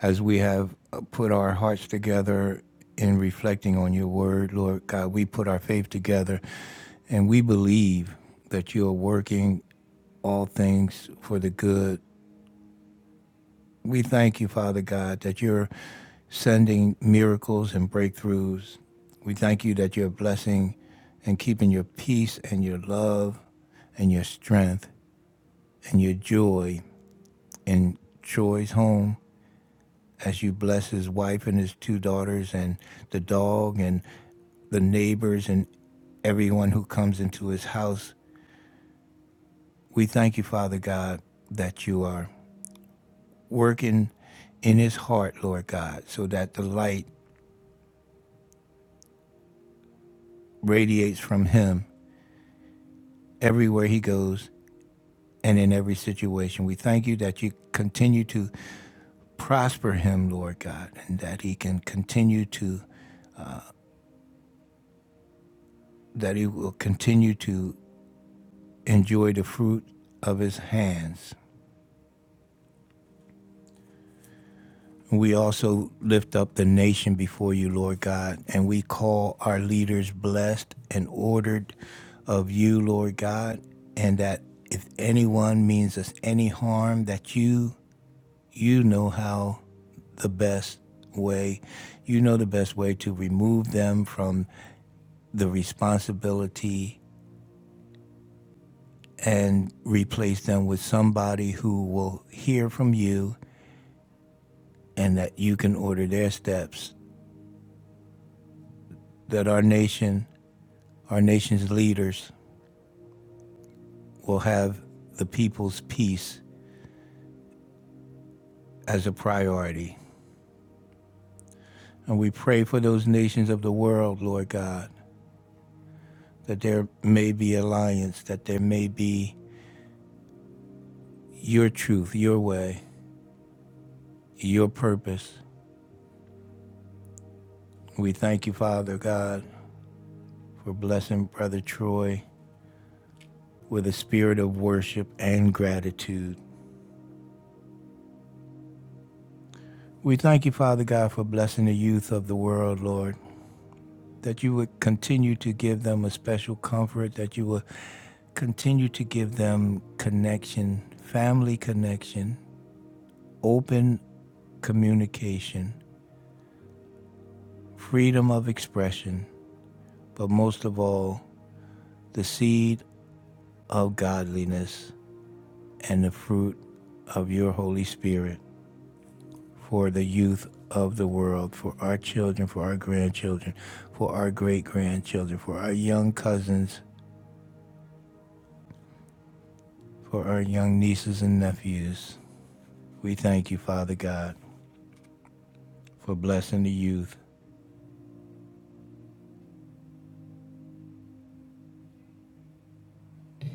Speaker 1: as we have uh, put our hearts together in reflecting on your word, Lord God. We put our faith together and we believe that you are working all things for the good We thank you, Father God, that you're sending miracles and breakthroughs. We thank you that you're blessing and keeping your peace and your love and your strength and your joy in Troy's home as you bless his wife and his two daughters and the dog and the neighbors and everyone who comes into his house. We thank you, Father God, that you are working in his heart, Lord God, so that the light radiates from him everywhere he goes and in every situation. We thank you that you continue to prosper him, Lord God, and that he can continue to that he will continue to enjoy the fruit of his hands. We also lift up the nation before you, Lord God, and we call our leaders blessed and ordered of you, Lord God, and that if anyone means us any harm, that you you know how the best way. You know the best way to remove them from the responsibility and replace them with somebody who will hear from you and that you can order their steps. That our nation, our nation's leaders will have the people's peace as a priority. And we pray for those nations of the world, Lord God, that there may be alliance, that there may be your truth, your way, your purpose We thank you, Father God, for blessing Brother Troy with a spirit of worship and gratitude. We thank you, Father God, for blessing the youth of the world, Lord, that you would continue to give them a special comfort, that you would continue to give them connection, family connection, open communication, freedom of expression, but most of all, the seed of godliness and the fruit of your Holy Spirit. for the youth of the world, for our children, for our grandchildren, for our great grandchildren, for our young cousins, for our young nieces and nephews. We thank you, Father God, for blessing the youth.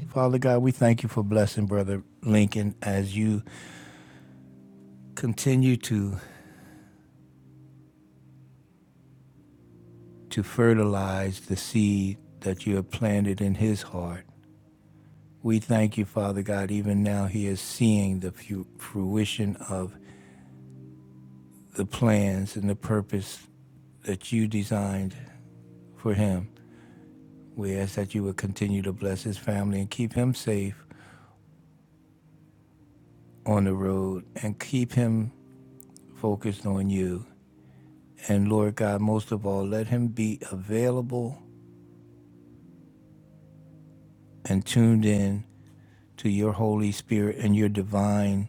Speaker 1: Father God, we thank you for blessing Brother Lincoln as you continue to, to fertilize the seed that you have planted in his heart. We thank you, Father God, even now he is seeing the fruition of the plans and the purpose that you designed for him. We ask that you would continue to bless his family and keep him safe on the road and keep him focused on you. And Lord God, most of all, let him be available and tuned in to your Holy Spirit and your divine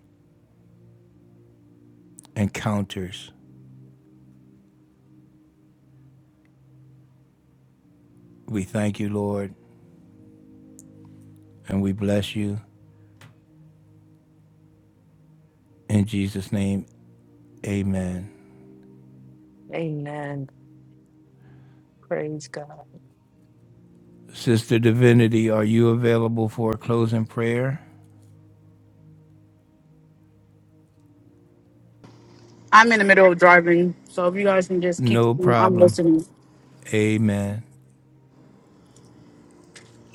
Speaker 1: encounters. We thank you, Lord, and we bless you. In Jesus' name, amen.
Speaker 2: Amen. Praise God.
Speaker 1: Sister Divinity, are you available for a closing prayer?
Speaker 4: I'm in the middle of driving, so if you guys can just keep,
Speaker 1: No
Speaker 4: I'm
Speaker 1: problem.
Speaker 4: listening.
Speaker 1: Amen.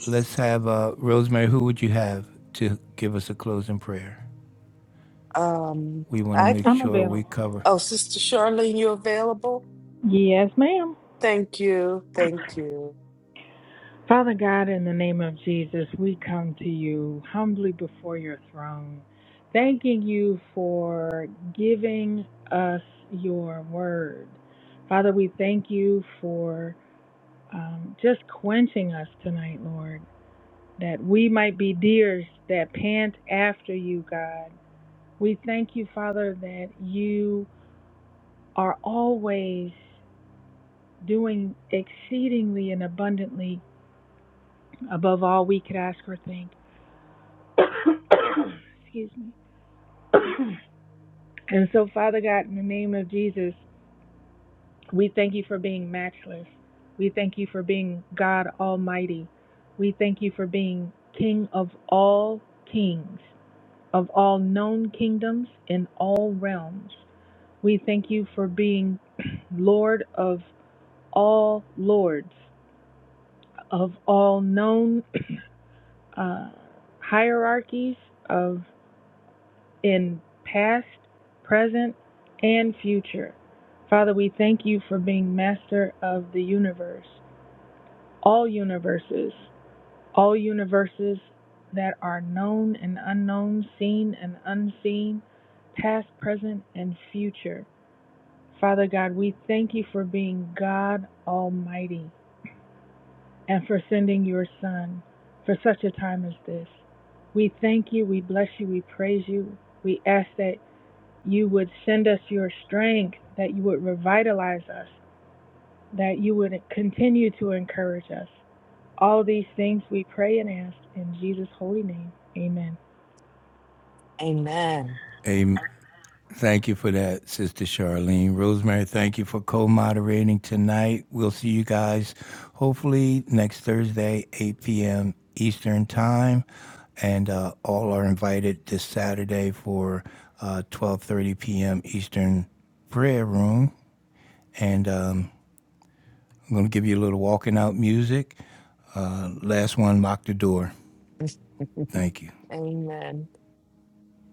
Speaker 1: let's have uh, Rosemary. Who would you have to give us a closing prayer?
Speaker 2: Um,
Speaker 1: We want to
Speaker 2: I
Speaker 1: make
Speaker 2: could.
Speaker 3: I'm
Speaker 1: sure we
Speaker 3: available.
Speaker 1: cover.
Speaker 2: Oh, Sister Charlene, you available?
Speaker 3: Yes, ma'am.
Speaker 2: Thank you. Thank you.
Speaker 3: Father God, in the name of Jesus, we come to you humbly before your throne, thanking you for giving us your word. Father, we thank you for um, just quenching us tonight, Lord. that we might be deers that pant after you, God. We thank you, Father, that you are always doing exceedingly and abundantly above all we could ask or think. Excuse me. and so, Father God, in the name of Jesus, we thank you for being matchless. We thank you for being God Almighty. We thank you for being King of all kings. of all known kingdoms in all realms. We thank you for being Lord of all lords, of all known uh, hierarchies of in past, present, and future. Father, we thank you for being master of the universe, all universes, all universes that are known and unknown, seen and unseen, past, present, and future. Father God, we thank you for being God Almighty and for sending your Son for such a time as this. We thank you, we bless you, we praise you. We ask that you would send us your strength, that you would revitalize us, that you would continue to encourage us. All these things we pray and ask in Jesus' holy name. Amen.
Speaker 2: Amen.
Speaker 1: Amen. Thank you for that, Sister Charlene. Rosemary, thank you for co moderating tonight. We'll see you guys hopefully next Thursday, 8 p.m. Eastern Time. And uh, all are invited this Saturday for uh, 12.30 p.m. Eastern Prayer Room. And um, I'm going to give you a little walking out music. Uh, last one, lock the door. Thank you.
Speaker 2: Amen.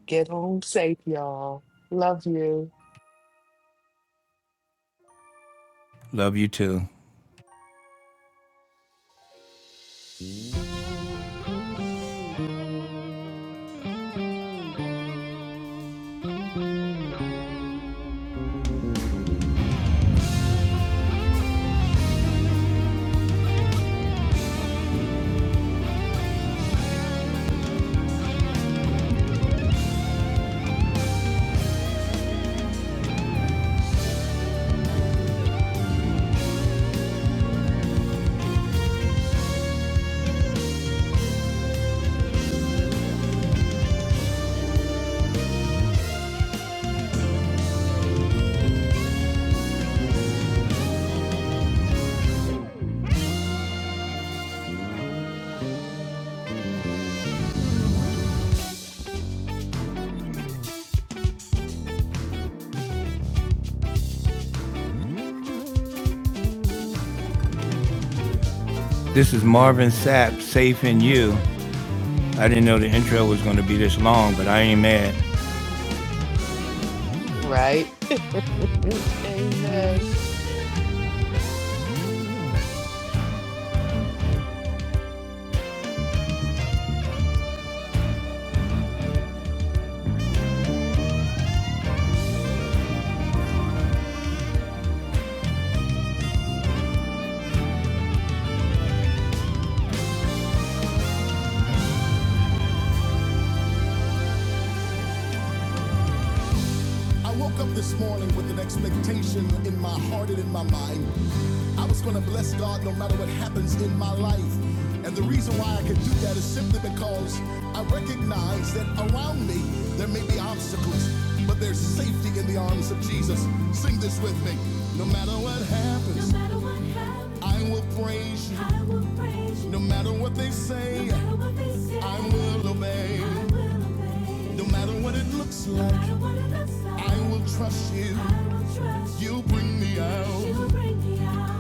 Speaker 2: Get home safe, y'all. Love you.
Speaker 1: Love you too. This is Marvin Sapp, Safe in You. I didn't know the intro was going to be this long, but I ain't mad.
Speaker 2: Right? Amen.
Speaker 1: I woke up this morning with an expectation in my heart and in my mind. I was going to bless God no matter what happens in my life. And the reason why I could do that is simply because I recognize that around me there may be obstacles, but there's safety in the arms of Jesus. Sing this with me. No matter what happens, no matter what happens I will praise you. I will praise you. No matter what they say, no matter what they say I will obey. I will obey. No matter what it looks No like, like, I will trust you. You'll bring me out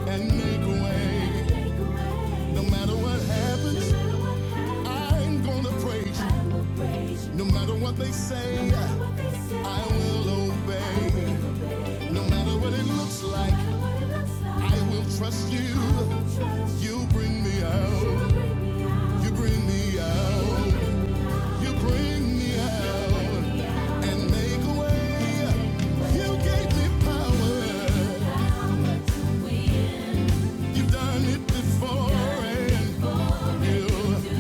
Speaker 1: and make a way. take away. No matter what No happens, I'm gonna praise you. No matter what they No say, I no will obey. No matter what it looks like, I like, will trust I you. will You bring me out. You bring me out. You bring me out and make a way. You gave me power. You've done it before and you.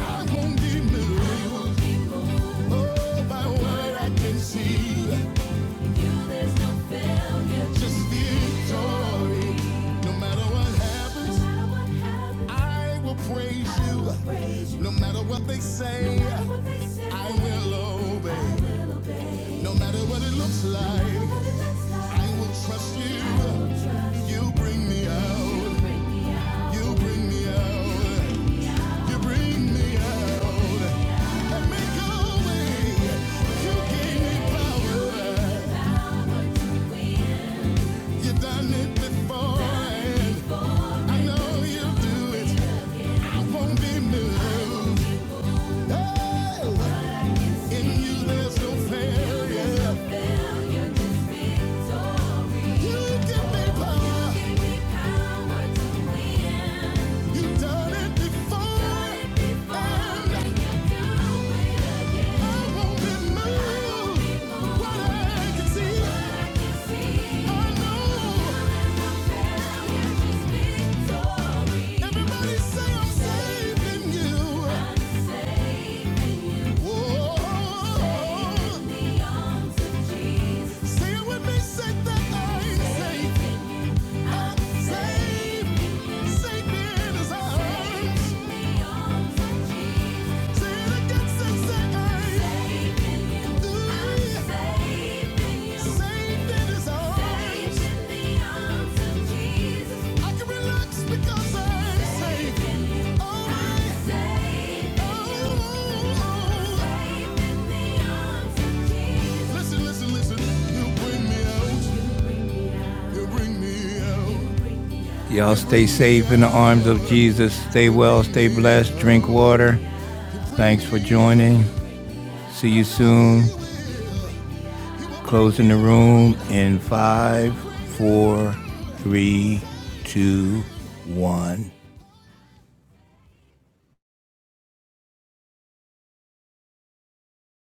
Speaker 1: I won't be moved. Oh, by what I can see. Just feel joy. No matter what happens, I will praise you. No matter what they say, I will obey. No matter what it looks like. I will trust you. You bring me out. You bring me out. You bring me out. And make a way. You gave me power. You've done it before. And I know you'll do it. I won't be moved. Oh, in you there's no failure. You give me power. You've done it before, and I won't be moved. What I can see, I know. Everybody say I'm saving you. Whoa. Say it with me, say that I'm safe. Safe, safe in His arms. Y'all stay safe in the arms of Jesus. Stay well, stay blessed, drink water. Thanks for joining. See you soon. Closing the room in five, four, three, two, one.